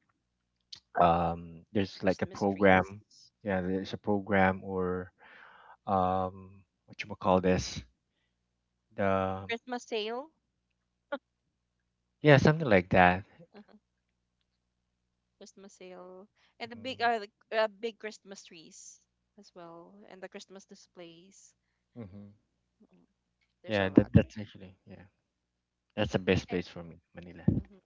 Speaker 2: um there's like a
Speaker 1: Christmas trees,
Speaker 2: program, yeah, there's a program, or, um what you call this, the
Speaker 1: Christmas sale,
Speaker 2: yeah, something like that.
Speaker 1: uh-huh. Christmas sale, and the
Speaker 2: Mm-hmm.
Speaker 1: big, uh, the, uh, big Christmas trees as well, and the Christmas displays.
Speaker 2: Mm-hmm.
Speaker 1: Mm, there's a
Speaker 2: Yeah, that
Speaker 1: lot.
Speaker 2: that's actually, yeah. That's the best
Speaker 1: And,
Speaker 2: place for me, Manila.
Speaker 1: mhm.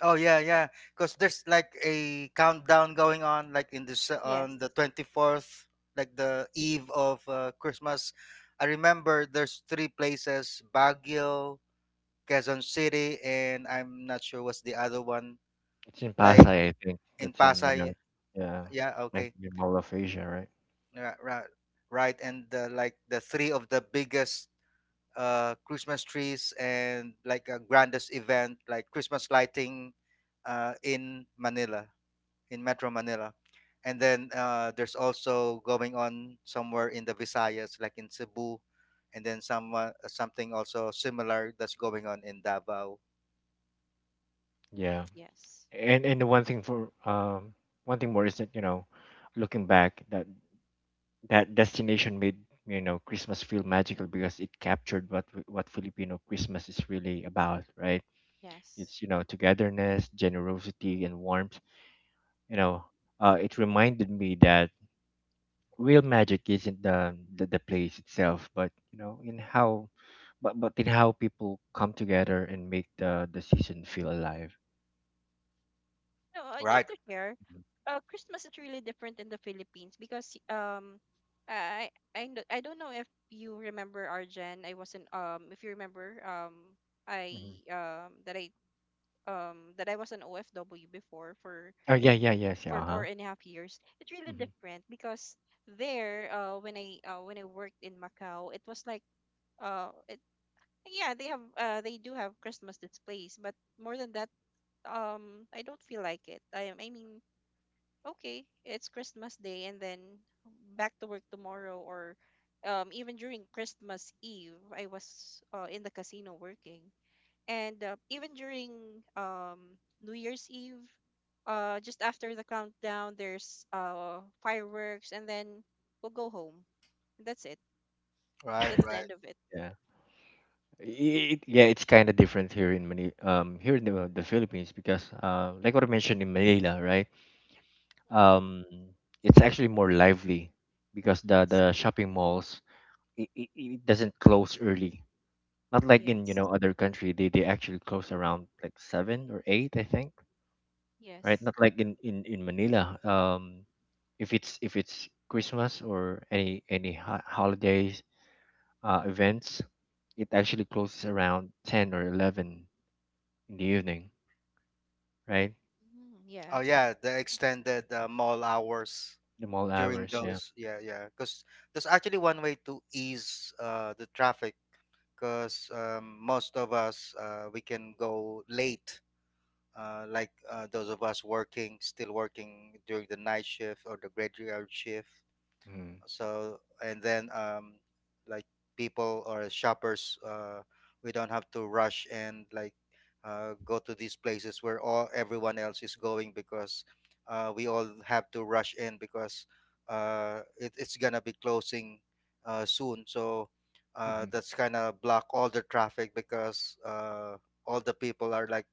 Speaker 3: Oh yeah,
Speaker 1: and
Speaker 3: yeah. Because there's like a countdown going on, like in this uh,
Speaker 1: yes,
Speaker 3: on the twenty fourth, like the eve of, uh, Christmas. I remember there's three places: Baguio, Quezon City, and I'm not sure what's the other one.
Speaker 2: It's in
Speaker 3: Like
Speaker 2: Pasay, I think.
Speaker 3: in
Speaker 2: That's in, you
Speaker 3: Pasay.
Speaker 2: know, yeah,
Speaker 3: Yeah.
Speaker 2: like
Speaker 3: Okay.
Speaker 2: the Mall of Asia, right?
Speaker 3: Right. Right. Right. And, uh, like the three of the biggest, uh Christmas trees and like a grandest event, like Christmas lighting, uh, in Manila. In Metro Manila. And then, uh, there's also going on somewhere in the Visayas, like in Cebu, and then some uh, something also similar that's going on in Davao.
Speaker 2: Yeah.
Speaker 1: yes,
Speaker 2: And and the one thing for, um one thing more is that, you know, looking back, that, that destination made, you know, Christmas feel magical, because it captured what, w- what Filipino Christmas is really about, right?
Speaker 1: yes.
Speaker 2: It's, you know, togetherness, generosity, and warmth. You know, uh it reminded me that real magic isn't the, the the place itself, but, you know in how but but in how people come together and make the the season feel alive.
Speaker 1: No, uh,
Speaker 3: Right,
Speaker 1: just to share,
Speaker 2: Mhm.
Speaker 1: uh, Christmas is really different in the Philippines because um, I I kn- I don't know if you remember Arjen. I wasn't um If you remember, um I
Speaker 2: Mhm.
Speaker 1: um that I um that I was an O F W before for
Speaker 2: Oh, yeah, yeah, yes, yeah,
Speaker 1: for four
Speaker 2: uh-huh,
Speaker 1: and a half years. It's really
Speaker 2: hmm,
Speaker 1: different because there uh when I uh when I worked in Macau. It was like uh it, yeah, they have uh they do have Christmas displays, but more than that um I don't feel like it. I am I mean, okay, it's Christmas Day and then back to work tomorrow. Or um even during Christmas Eve, I was uh, in the casino working. And uh, even during um New Year's Eve, uh just after the countdown, there's uh fireworks, and then we'll go home. That's it.
Speaker 3: right,
Speaker 1: That's the
Speaker 3: right.
Speaker 1: end of it.
Speaker 2: yeah. I- it, yeah, it's kind of different here in Manila,
Speaker 1: Yeah.
Speaker 2: um here in the, the Philippines, because, uh like what I mentioned, in Manila, right.
Speaker 1: Mhm.
Speaker 2: um, it's actually more lively, because the
Speaker 1: Yes.
Speaker 2: the shopping malls, it, it, it doesn't close early. Not like in, you
Speaker 1: Yes.
Speaker 2: know other country. They, they actually close around like seven or eight, I think, right.
Speaker 1: Yes.
Speaker 2: Not like in, in in Manila. Um, if it's if it's Christmas or any any ho- holidays, uh, events, it actually closes around ten or eleven in the evening, right?
Speaker 1: Mm,
Speaker 3: Oh
Speaker 1: yeah.
Speaker 3: yeah, the extended, uh, mall hours
Speaker 2: The mall
Speaker 3: during
Speaker 2: hours, yeah.
Speaker 3: those. Yeah, yeah. Because there's actually one way to ease, uh, the traffic. Because, um, most of us, uh, we can go late, uh, like, uh, those of us working, still working during the night shift or the graveyard shift.
Speaker 2: Mm-hmm.
Speaker 3: So and then, um like people or shoppers, uh we don't have to rush and like, uh, go to these places where all everyone else is going, because, uh, we all have to rush in because, uh, it, it's gonna be closing, uh, soon, so, uh,
Speaker 2: Mm-hmm.
Speaker 3: that's kind of block all the traffic because, uh, all the people are like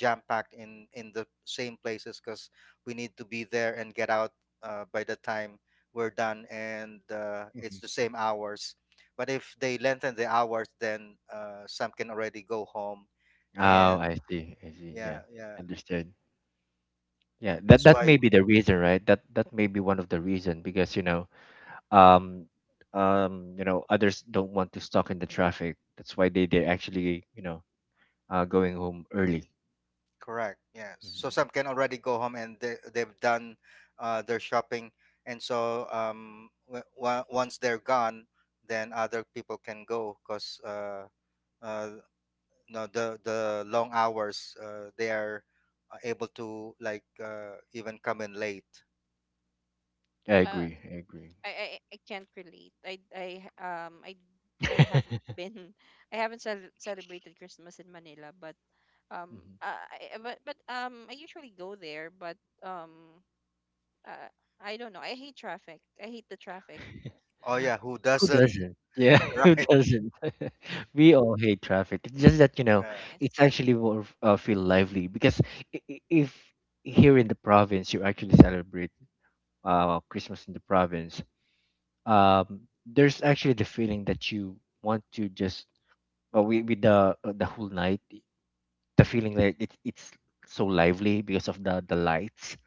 Speaker 3: jam packed in in the same places because we need to be there and get out, uh, by the time we're done, and, uh, it's
Speaker 2: Mm-hmm.
Speaker 3: the same hours, but if they lengthen the hours, then, uh, some can already go home, and
Speaker 2: Oh, I see. I see.
Speaker 3: yeah,
Speaker 2: Yeah,
Speaker 3: yeah,
Speaker 2: understood. Yeah, that
Speaker 3: that's
Speaker 2: that
Speaker 3: why,
Speaker 2: may be the reason, right? That that may be one of the reason, because, you know, um, um, you know, others don't want to stuck in the traffic. That's why they they actually, you know uh, going home early.
Speaker 3: correct, yes, so
Speaker 2: Mhm.
Speaker 3: some
Speaker 1: Mhm.
Speaker 3: can already go home, and they, they've done, uh, their shopping, and so, um, w- w- once they're gone, then other people can go because, uh, uh, no, the the long hours, uh, they are, uh, able to like, uh, even come in late.
Speaker 2: I
Speaker 1: Uh,
Speaker 2: agree. I agree.
Speaker 1: I I, I can't relate. I I um I I haven't been I haven't cel- celebrated Christmas in Manila, but um
Speaker 2: Mhm.
Speaker 1: uh, I I- but but um I usually go there, but um uh, I don't know. I hate traffic. I hate the traffic.
Speaker 3: Oh yeah, who
Speaker 2: Who
Speaker 3: doesn't.
Speaker 1: Thanks.
Speaker 2: doesn't? Yeah, who
Speaker 3: Right.
Speaker 2: doesn't? We all hate traffic. It's just that you know,
Speaker 3: Uh,
Speaker 1: Yes.
Speaker 2: it's actually more f- uh, feel lively because i- i- if here in the province you actually celebrate uh Christmas in the province, um there's actually the feeling that you want to just well with, with the uh, the whole night i- the feeling that it, it's so lively because of the the lights,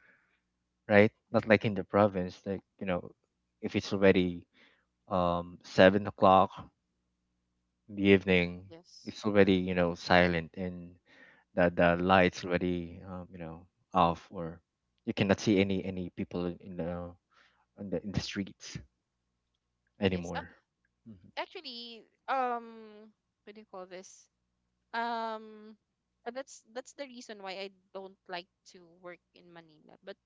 Speaker 2: right? Not like
Speaker 1: Mhm.
Speaker 2: in the province, like, you know, if it's already um seven o'clock in the evening,
Speaker 1: Yes.
Speaker 2: it's already, you know, silent and the the
Speaker 1: Yes.
Speaker 2: lights already, um, you know, off, or you cannot see any any people in in the in the, in the streets
Speaker 1: Yes. Uh,
Speaker 2: anymore. Mm-hmm.
Speaker 1: actually, um, what do you call this? Um, uh, that's that's the reason why I don't like to work in Manila. But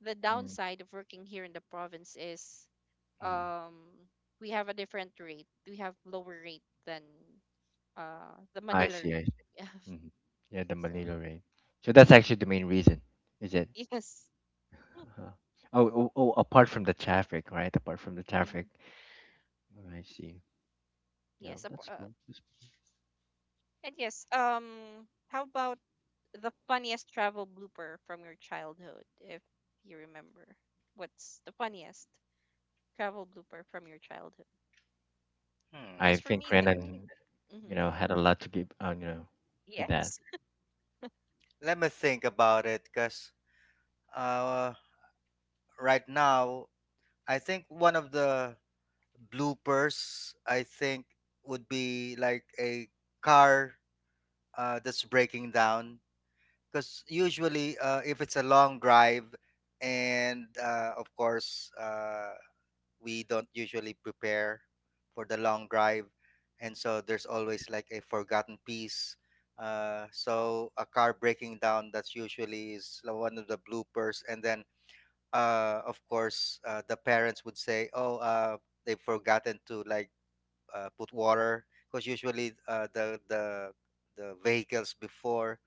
Speaker 1: the downside of working here in the province is
Speaker 2: Mm-hmm.
Speaker 1: um we have a different rate. We have lower rate than uh the
Speaker 2: i
Speaker 1: Manila
Speaker 2: see I
Speaker 1: rate. Yeah.
Speaker 2: hmm Yeah, the
Speaker 1: So
Speaker 2: Manila rain. So that's actually the main reason, is it?
Speaker 1: yes.
Speaker 2: Uh-huh. Oh, oh, oh, apart from the traffic, right? Apart from the
Speaker 1: Mm-hmm.
Speaker 2: traffic. Oh, I see. Yeah,
Speaker 1: Yes. Ap-
Speaker 2: that's.
Speaker 1: Uh,
Speaker 2: mo- that's-
Speaker 1: and yes. Um. How about the funniest travel blooper from your childhood, if you remember? What's the funniest travel blooper from your childhood?
Speaker 3: hmm.
Speaker 2: I
Speaker 1: As for
Speaker 2: think
Speaker 1: me, the
Speaker 2: Renan, you
Speaker 1: Mm-hmm.
Speaker 2: know, had a lot to give, uh, you know, with that.
Speaker 1: Yes.
Speaker 3: Let me think about it because, uh, right now, I think one of the bloopers, I think, would be like a car, uh, that's breaking down. Because usually, uh, if it's a long drive, and, uh, of course, uh, we don't usually prepare for the long drive, and so there's always like a forgotten piece, uh, so a car breaking down, that's usually is the one of the bloopers. And then, uh, of course, uh, the parents would say, oh, uh, they've forgotten to like, uh, put water, because usually, uh, the the the vehicles before,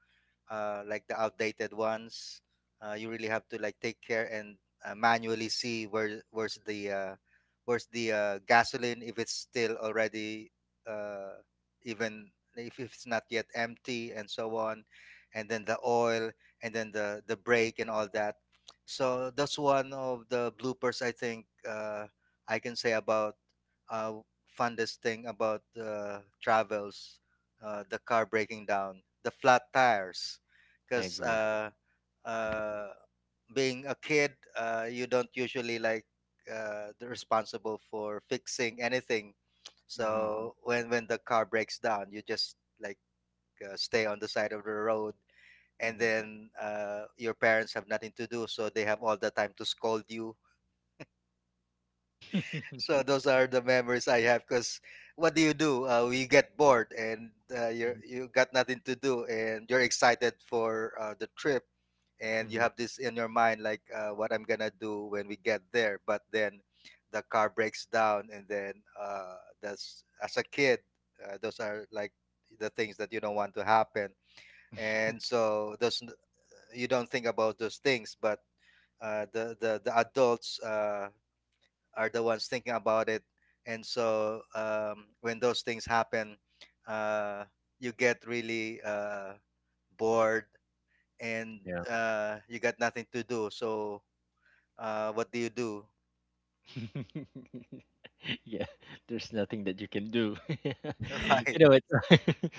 Speaker 3: uh, like the outdated ones. Uh, you really have to like take care and, uh, manually see where where's the uh, where's the uh, gasoline, if it's still already, uh, even if it's not yet empty, and so on, and then the oil, and then the the brake, and all that. So that's one of the bloopers, I think, uh, I can say about, uh, funnest thing about, uh, travels, uh, the car breaking down, the flat tires,
Speaker 2: I
Speaker 3: because,
Speaker 2: agree.
Speaker 3: uh, uh, being a kid, uh, you don't usually like, uh, the responsible for fixing anything.
Speaker 2: Mm-hmm.
Speaker 3: So when when the car breaks down, you just like, uh, stay on the side of the road, and
Speaker 2: Mm-hmm.
Speaker 3: then, uh, your parents have nothing to do, so they have all the time to scold you. So those are the memories I have. Because what do you do? Uh, we get bored, and, uh, you you got nothing to do, and you're excited for, uh, the trip, and you
Speaker 2: hmm
Speaker 3: have this in your mind like, uh, what I'm gonna do when we get there. But then the car breaks down, and then, uh, that's, as a kid, uh, those are like the things that you don't want to happen, and so those, you don't think about those things. But, uh, the the the adults, Uh, are the ones thinking about it, and so, um, when those things happen, uh, you get really, uh, bored, and,
Speaker 2: Yeah.
Speaker 3: uh, you got nothing to do, so, uh, what do you do?
Speaker 2: Yeah, there's nothing that you can do. You
Speaker 3: Right.
Speaker 2: know what?
Speaker 1: Yes.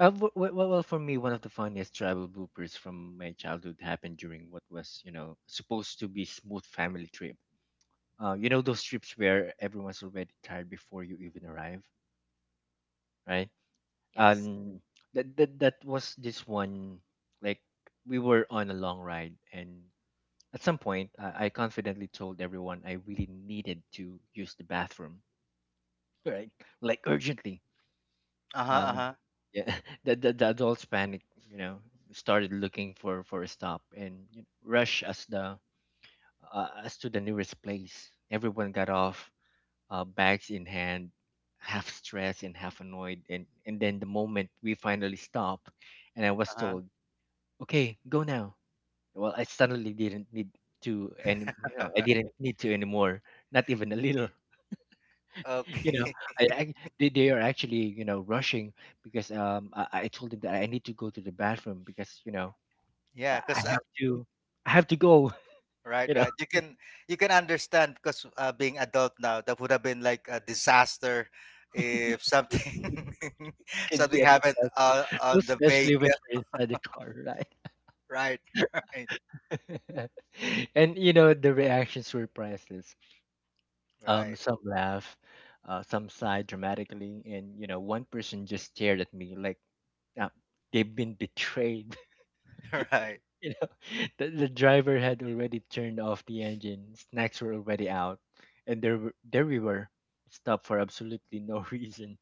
Speaker 2: Uh, w- w- Well, well, for me, one of the funniest travel bloopers from my childhood happened during what was, you know, supposed to be smooth family trip. Uh, you know those trips where everyone's already tired before you even arrive, right?
Speaker 1: Yes.
Speaker 2: Um, that that that was this one. Like, we were on a long ride, and at some point, I, I confidently told everyone I really needed to use the bathroom, right? Like, urgently.
Speaker 3: Uh-huh,
Speaker 2: Um,
Speaker 3: uh-huh.
Speaker 2: yeah, the, the the adults panic, you know, started looking for for a stop, and, you know, rush as the uh, as to the nearest place. Everyone got off, uh, bags in hand, half stressed and half annoyed. And and then the moment we finally stopped, and I was
Speaker 3: Uh-huh.
Speaker 2: told, "Okay, go now." Well, I suddenly didn't need to any, you know, I didn't need to anymore. Not even a little. You
Speaker 3: Okay.
Speaker 2: know, I, I they, they are actually, you know, rushing because, um I, I told them that I need to go to the bathroom, because, you know, I
Speaker 3: Yeah,
Speaker 2: I
Speaker 3: because, uh,
Speaker 2: have to, I have to go.
Speaker 3: right,
Speaker 2: You know,
Speaker 3: right. You can you can understand because, uh, being adult now, that would have been like a disaster, if something,
Speaker 2: can be
Speaker 3: something
Speaker 2: a
Speaker 3: happened,
Speaker 2: distraction,
Speaker 3: uh, on the
Speaker 2: especially when
Speaker 3: vehicle.
Speaker 2: you're inside the car, right?
Speaker 3: Right. Right,
Speaker 2: And, you know, the reactions were priceless. Um
Speaker 3: right.
Speaker 2: some laugh, uh, some sigh dramatically, and, you know, one person just stared at me like, uh, they've been betrayed.
Speaker 3: Right,
Speaker 2: You know, the, the driver had already turned off the engine, snacks were already out, and there were, there we were, stopped for absolutely no reason.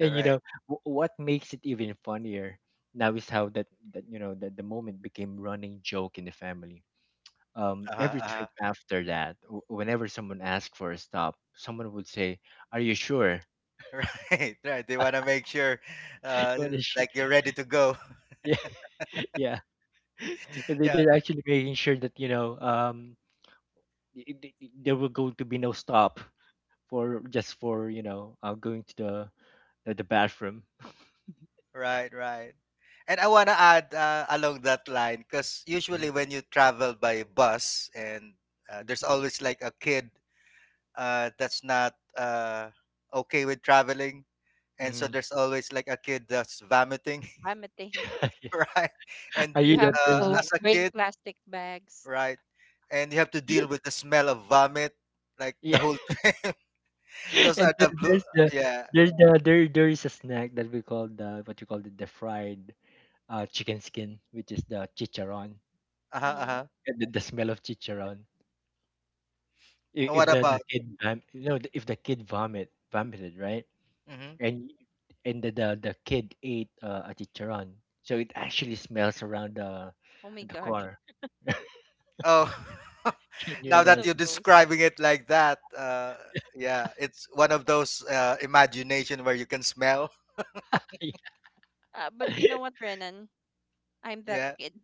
Speaker 2: And, you know, w- what makes it even funnier now is how that, that you know that the moment became running joke in the family. Um,
Speaker 3: Uh-huh,
Speaker 2: every
Speaker 3: uh-huh.
Speaker 2: trip after that, w- whenever someone asked for a stop, someone would say, "Are you sure?"
Speaker 3: Right, right. They want to make sure, uh,
Speaker 2: What is sure?
Speaker 3: like you're ready to go.
Speaker 2: Yeah, yeah. They-
Speaker 3: Yeah,
Speaker 2: They're actually making sure that, you know, um, i- i- i- there were going to be no stop for, just for, you know, uh, going to the the, the bathroom.
Speaker 3: right, right. And I want to add, uh, along that line, because usually
Speaker 2: Mhm,
Speaker 3: when you travel by bus, and, uh,
Speaker 2: mhm,
Speaker 3: there's always like a kid, uh, that's not, uh, okay with traveling. And so
Speaker 2: mhm.
Speaker 3: there's always like a kid that's vomiting.
Speaker 1: Vomiting.
Speaker 3: Right? And,
Speaker 2: Are
Speaker 1: You
Speaker 2: you
Speaker 1: have
Speaker 2: that
Speaker 3: uh,
Speaker 2: person?
Speaker 1: to
Speaker 3: as a
Speaker 1: bring
Speaker 3: kid,
Speaker 1: plastic bags.
Speaker 3: right? And you have to deal with the smell of vomit like
Speaker 2: Yeah,
Speaker 3: the whole trip. Those
Speaker 2: and
Speaker 3: are the
Speaker 2: then
Speaker 3: blue.
Speaker 2: there's the
Speaker 3: Yeah.
Speaker 2: there's the there there is a snack that we call the, what you call, the, the fried uh chicken skin, which is the chicharron.
Speaker 3: Uh-huh,
Speaker 1: Mm-hmm.
Speaker 3: uh-huh.
Speaker 2: Uh, The, the smell of chicharron. I-
Speaker 3: Uh,
Speaker 2: If
Speaker 3: What
Speaker 2: the,
Speaker 1: Oh,
Speaker 2: the
Speaker 3: about?
Speaker 2: kid vam- you know if the kid vomit vomited, right,
Speaker 3: Hmm.
Speaker 2: and and the the, the kid ate uh, a chicharron, so it actually smells around the
Speaker 1: oh my
Speaker 2: the
Speaker 1: gosh,
Speaker 2: car.
Speaker 3: Oh,
Speaker 2: Can you
Speaker 3: now
Speaker 1: that's
Speaker 3: that
Speaker 1: so
Speaker 3: you're
Speaker 2: imagine?
Speaker 1: gross.
Speaker 3: describing it like that, uh, yeah, it's one of those, uh, imagination where you can smell.
Speaker 1: Uh, but you know what, Renan? I'm that
Speaker 3: Yeah.
Speaker 1: kid.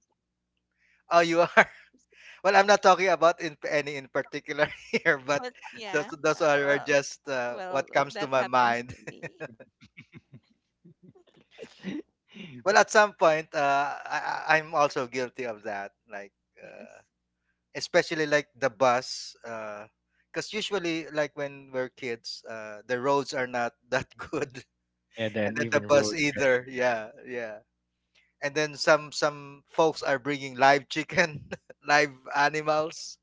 Speaker 3: Oh, you are. Well, I'm not talking about in any in particular here, but
Speaker 1: But
Speaker 3: those
Speaker 1: yeah,
Speaker 3: those are are
Speaker 1: uh,
Speaker 3: just,
Speaker 1: well,
Speaker 3: uh, what
Speaker 1: well,
Speaker 3: comes to
Speaker 1: that
Speaker 3: my
Speaker 1: happens
Speaker 3: mind.
Speaker 1: to me.
Speaker 3: Well, at some point, uh, I, I- I'm also guilty of that. Like. Uh,
Speaker 1: Yes,
Speaker 3: Especially like the bus, because usually like when we're kids, uh, the roads are not that good,
Speaker 2: Yeah,
Speaker 3: and
Speaker 2: then
Speaker 3: then the
Speaker 2: even
Speaker 3: bus
Speaker 2: road.
Speaker 3: either,
Speaker 1: yes,
Speaker 3: yeah, yeah. And then some some folks are bringing live chicken, live animals,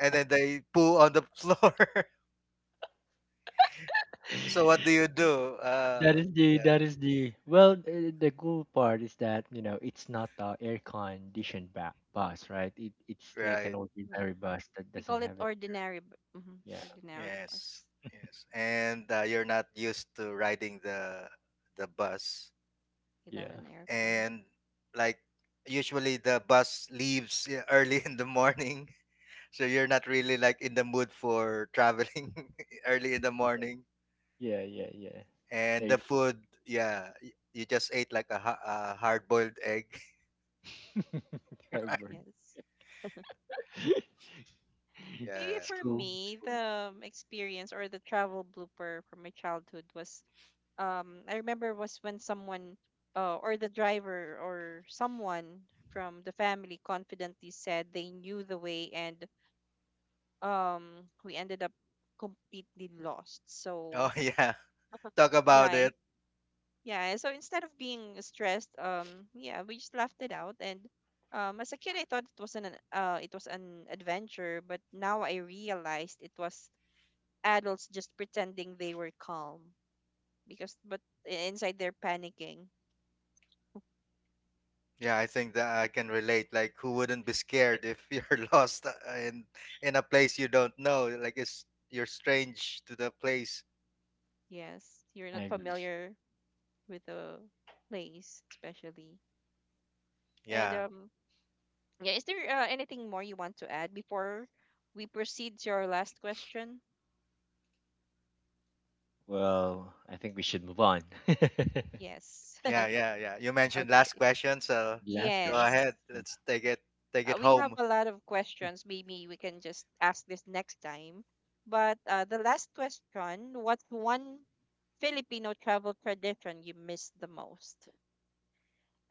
Speaker 3: and then they poo on the floor. So what do you
Speaker 1: yes.
Speaker 3: do, uh,
Speaker 2: That is the,
Speaker 3: yeah,
Speaker 2: that is the, well, uh, the cool part is that, you know, it's not a air conditioned ba- bus, right? It it's like an
Speaker 3: right.
Speaker 1: Yeah,
Speaker 2: ordinary bus that
Speaker 1: we
Speaker 2: doesn't
Speaker 1: call it
Speaker 2: have it.
Speaker 1: ordinary, b- mhm,
Speaker 2: Yeah,
Speaker 1: ordinary
Speaker 3: Yes,
Speaker 1: bus
Speaker 3: yes. And, uh, you're not used to riding the the bus,
Speaker 1: without
Speaker 2: yeah,
Speaker 1: an aircon.
Speaker 3: and like usually the bus leaves, yeah, early in the morning. So you're not really like in the mood for traveling early in the morning,
Speaker 2: yeah, yeah, yeah.
Speaker 3: and the
Speaker 2: Ex-
Speaker 3: food, yeah, y- you just ate like a, ha- a hard-boiled egg. Right.
Speaker 2: Albert.
Speaker 1: Yes. Maybe
Speaker 3: Yeah.
Speaker 2: It's
Speaker 1: for
Speaker 2: cool, it's
Speaker 1: me,
Speaker 2: cool.
Speaker 1: the um, experience or the travel blooper from my childhood was, um, I remember was when someone, uh, or the driver or someone from the family confidently said they knew the way, and um, we ended up completely lost.
Speaker 3: Oh,
Speaker 1: So
Speaker 3: yeah, talk
Speaker 1: yeah,
Speaker 3: about
Speaker 1: I-
Speaker 3: it.
Speaker 1: yeah. So instead of being stressed, um, yeah, we just laughed it out, and um, as a kid, I thought it was an uh, it was an adventure, but now I realized it was adults just pretending they were calm, because but i- inside they're panicking.
Speaker 3: Yeah, I think that
Speaker 1: Yeah.
Speaker 3: I can relate. Like who wouldn't be scared if you're lost, uh, in in a place you don't know, like it's you're strange to the place.
Speaker 1: Yes, you're
Speaker 2: I
Speaker 1: not
Speaker 2: agree.
Speaker 1: familiar with the place, especially. And
Speaker 3: Yeah.
Speaker 1: um, yeah, is there uh, anything more you want to add before we proceed to our last question?
Speaker 2: Well, I think we should move on.
Speaker 1: Yes.
Speaker 3: Yeah, yeah, yeah. You mentioned last
Speaker 1: Okay.
Speaker 3: question, so
Speaker 2: Last
Speaker 3: go
Speaker 2: question.
Speaker 1: Yes.
Speaker 3: ahead. Let's take it, take
Speaker 1: Uh,
Speaker 3: it
Speaker 1: we have
Speaker 3: home.
Speaker 1: a lot of questions. Maybe we can just ask this next time. But uh, the last question, what's one Filipino travel tradition you miss the most?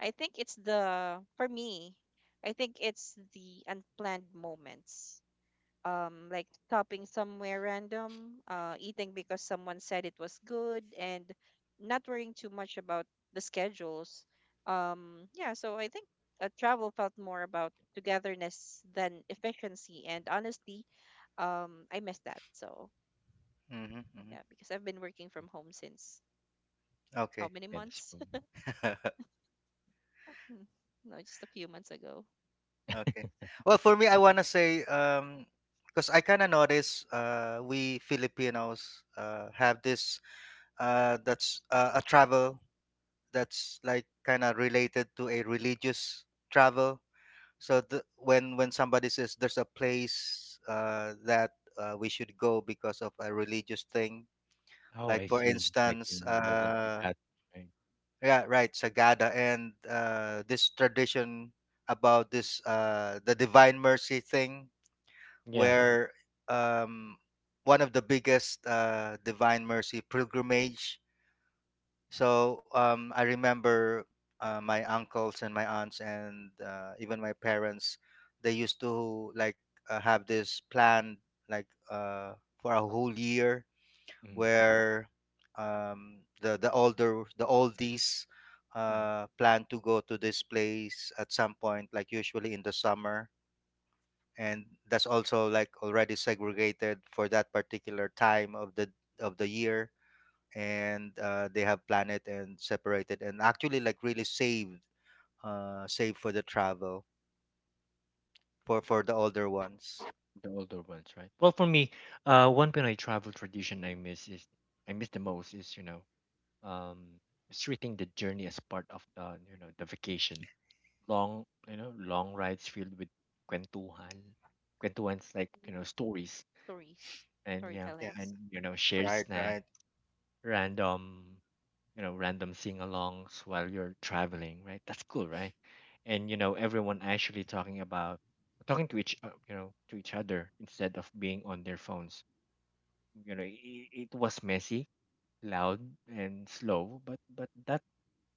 Speaker 1: I think it's the For me, I think it's the unplanned moments. Um, like stopping somewhere random, uh, eating because someone said it was good, and not worrying too much about the schedules. Um, yeah, so I think uh, travel felt more about togetherness than efficiency, and honestly, um, I miss that. So
Speaker 3: Hmm. Hmm.
Speaker 1: yeah, because I've been working from home since how
Speaker 3: Okay.
Speaker 1: many
Speaker 2: Yeah, that's
Speaker 1: months?
Speaker 2: cool.
Speaker 1: No, just a few months ago.
Speaker 3: Okay. Well, for me, I wanna say, um, because I kind of notice, uh, we Filipinos, uh, have this, uh, that's, uh, a travel that's like kind of related to a religious travel. So the, when when somebody says there's a place, uh, that, uh, we should go because of a religious thing.
Speaker 2: Oh,
Speaker 3: Like
Speaker 2: I
Speaker 3: for
Speaker 2: see. Like
Speaker 3: instance,
Speaker 2: in, like in, like
Speaker 3: uh,
Speaker 2: that, right?
Speaker 3: yeah, right, Sagada and, uh, this tradition about this uh, the Divine Mercy thing,
Speaker 2: Yeah.
Speaker 3: where, um, one of the biggest, uh, Divine Mercy pilgrimage. So, um, I remember, uh, my uncles and my aunts, and, uh, even my parents, they used to like, uh, have this plan, like, uh, for a whole year,
Speaker 2: Mm-hmm.
Speaker 3: where, um, the the older the oldies,
Speaker 2: Mm-hmm.
Speaker 3: uh, plan to go to this place at some point, like usually in the summer, and that's also like already segregated for that particular time of the of the year, and, uh, they have planned it and separated, and actually like really saved uh, saved for the travel, for for the older ones.
Speaker 2: The older ones, right? Well, for me, uh, one when I travel tradition I miss is I miss the most is, you know, um is treating the journey as part of the, you know, the vacation. Long, you know, long rides filled with kwentuhan, kwentuhan's like, you know, stories,
Speaker 1: Stories,
Speaker 2: and yeah,
Speaker 3: Yeah,
Speaker 1: storytellings.
Speaker 2: and, you know, shared
Speaker 3: right,
Speaker 2: snack,
Speaker 3: right.
Speaker 2: random, you know, random sing-alongs while you're traveling, right? That's cool, right? And, you know, everyone actually talking about, talking to each, uh, you know, to each other instead of being on their phones. You know, it, it was messy, loud, and slow, but but that,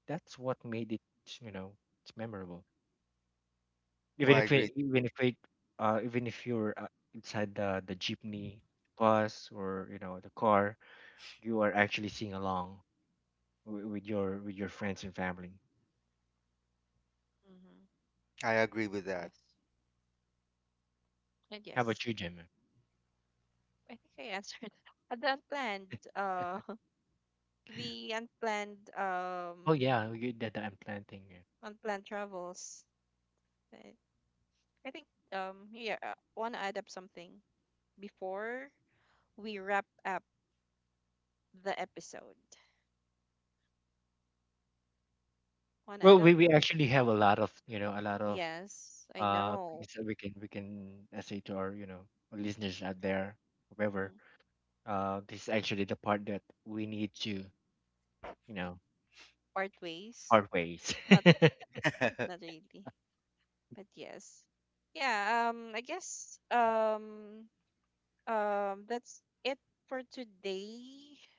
Speaker 2: that's what made it, you know, it's memorable,
Speaker 3: Oh, I
Speaker 2: even if
Speaker 3: agree.
Speaker 2: it, even if it, uh even if you're, uh, inside the the jeepney, bus, or, you know, the car, you are actually singing along wi- with your, with your friends and family.
Speaker 1: Mm-hmm.
Speaker 3: I agree with that.
Speaker 1: Yes. And
Speaker 2: How
Speaker 1: yes,
Speaker 2: about you, Jim?
Speaker 1: I think I answered. Uh, the unplanned, uh, the unplanned,
Speaker 2: Oh
Speaker 1: um,
Speaker 2: yeah, we- that that I'm planting. Yeah.
Speaker 1: unplanned travels. I, I think, um, yeah, uh, want to add up something before we wrap up the episode. Want to
Speaker 2: Well,
Speaker 1: add up?
Speaker 2: we, we actually have a lot of, you know, a lot of
Speaker 1: Yes, I
Speaker 2: uh
Speaker 1: know.
Speaker 2: things that we can we can uh, say to our, you know, our listeners out there, whoever.
Speaker 1: Mm-hmm.
Speaker 2: Uh, this is actually the part that we need to, you know,
Speaker 1: Part ways.
Speaker 2: part ways.
Speaker 1: Not, not really, but yes. Yeah, um, I guess, um, um that's it for today.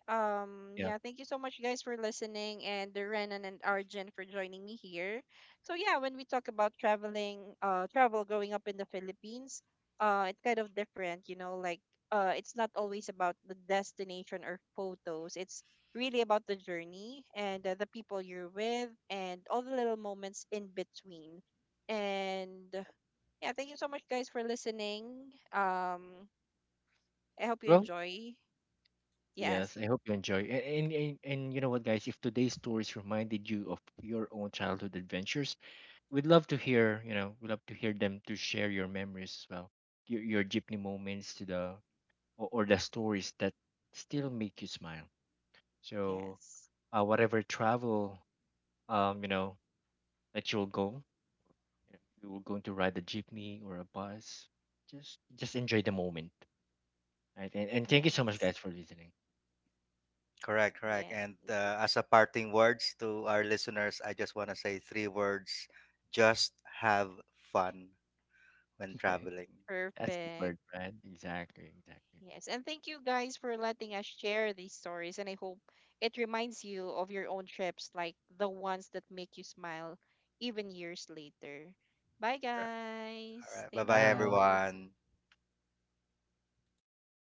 Speaker 1: um
Speaker 2: Yeah.
Speaker 1: Yeah, thank you so much, guys, for listening, and the Renan and Arjun for joining me here. So yeah, when we talk about traveling uh travel growing up in the Philippines, uh it's kind of different, you know, like uh it's not always about the destination or photos. It's really about the journey and uh, the people you're with and all the little moments in between. And yeah, thank you so much, guys, for listening. um I hope you
Speaker 2: Well,
Speaker 1: enjoy. Yes,
Speaker 2: yes. I hope you enjoy. A- And, and and you know what, guys? If today's stories reminded you of your own childhood adventures, we'd love to hear, you know, we'd love to hear them to share your memories as well. Your your jeepney moments to the, or, or the stories that still make you smile. So,
Speaker 1: yes,
Speaker 2: uh, whatever travel, um, you know, that you'll go, you know, you will going to ride a jeepney or a bus. Just, just enjoy the moment, right? And, and thank you so much,
Speaker 1: yes,
Speaker 2: guys, for listening.
Speaker 3: Correct, correct. And,
Speaker 1: yes.
Speaker 3: uh, as a parting words to our listeners, I just want to say three words: just have fun when traveling.
Speaker 2: That's the word,
Speaker 1: Perfect.
Speaker 2: right? Exactly, exactly.
Speaker 1: Yes. And thank you, guys, for letting us share these stories. And I hope it reminds you of your own trips, like the ones that make you smile even years later. Bye,
Speaker 3: All
Speaker 1: guys.
Speaker 3: right. Bye,
Speaker 1: Thank
Speaker 3: bye,
Speaker 2: Bye.
Speaker 1: you.
Speaker 3: everyone.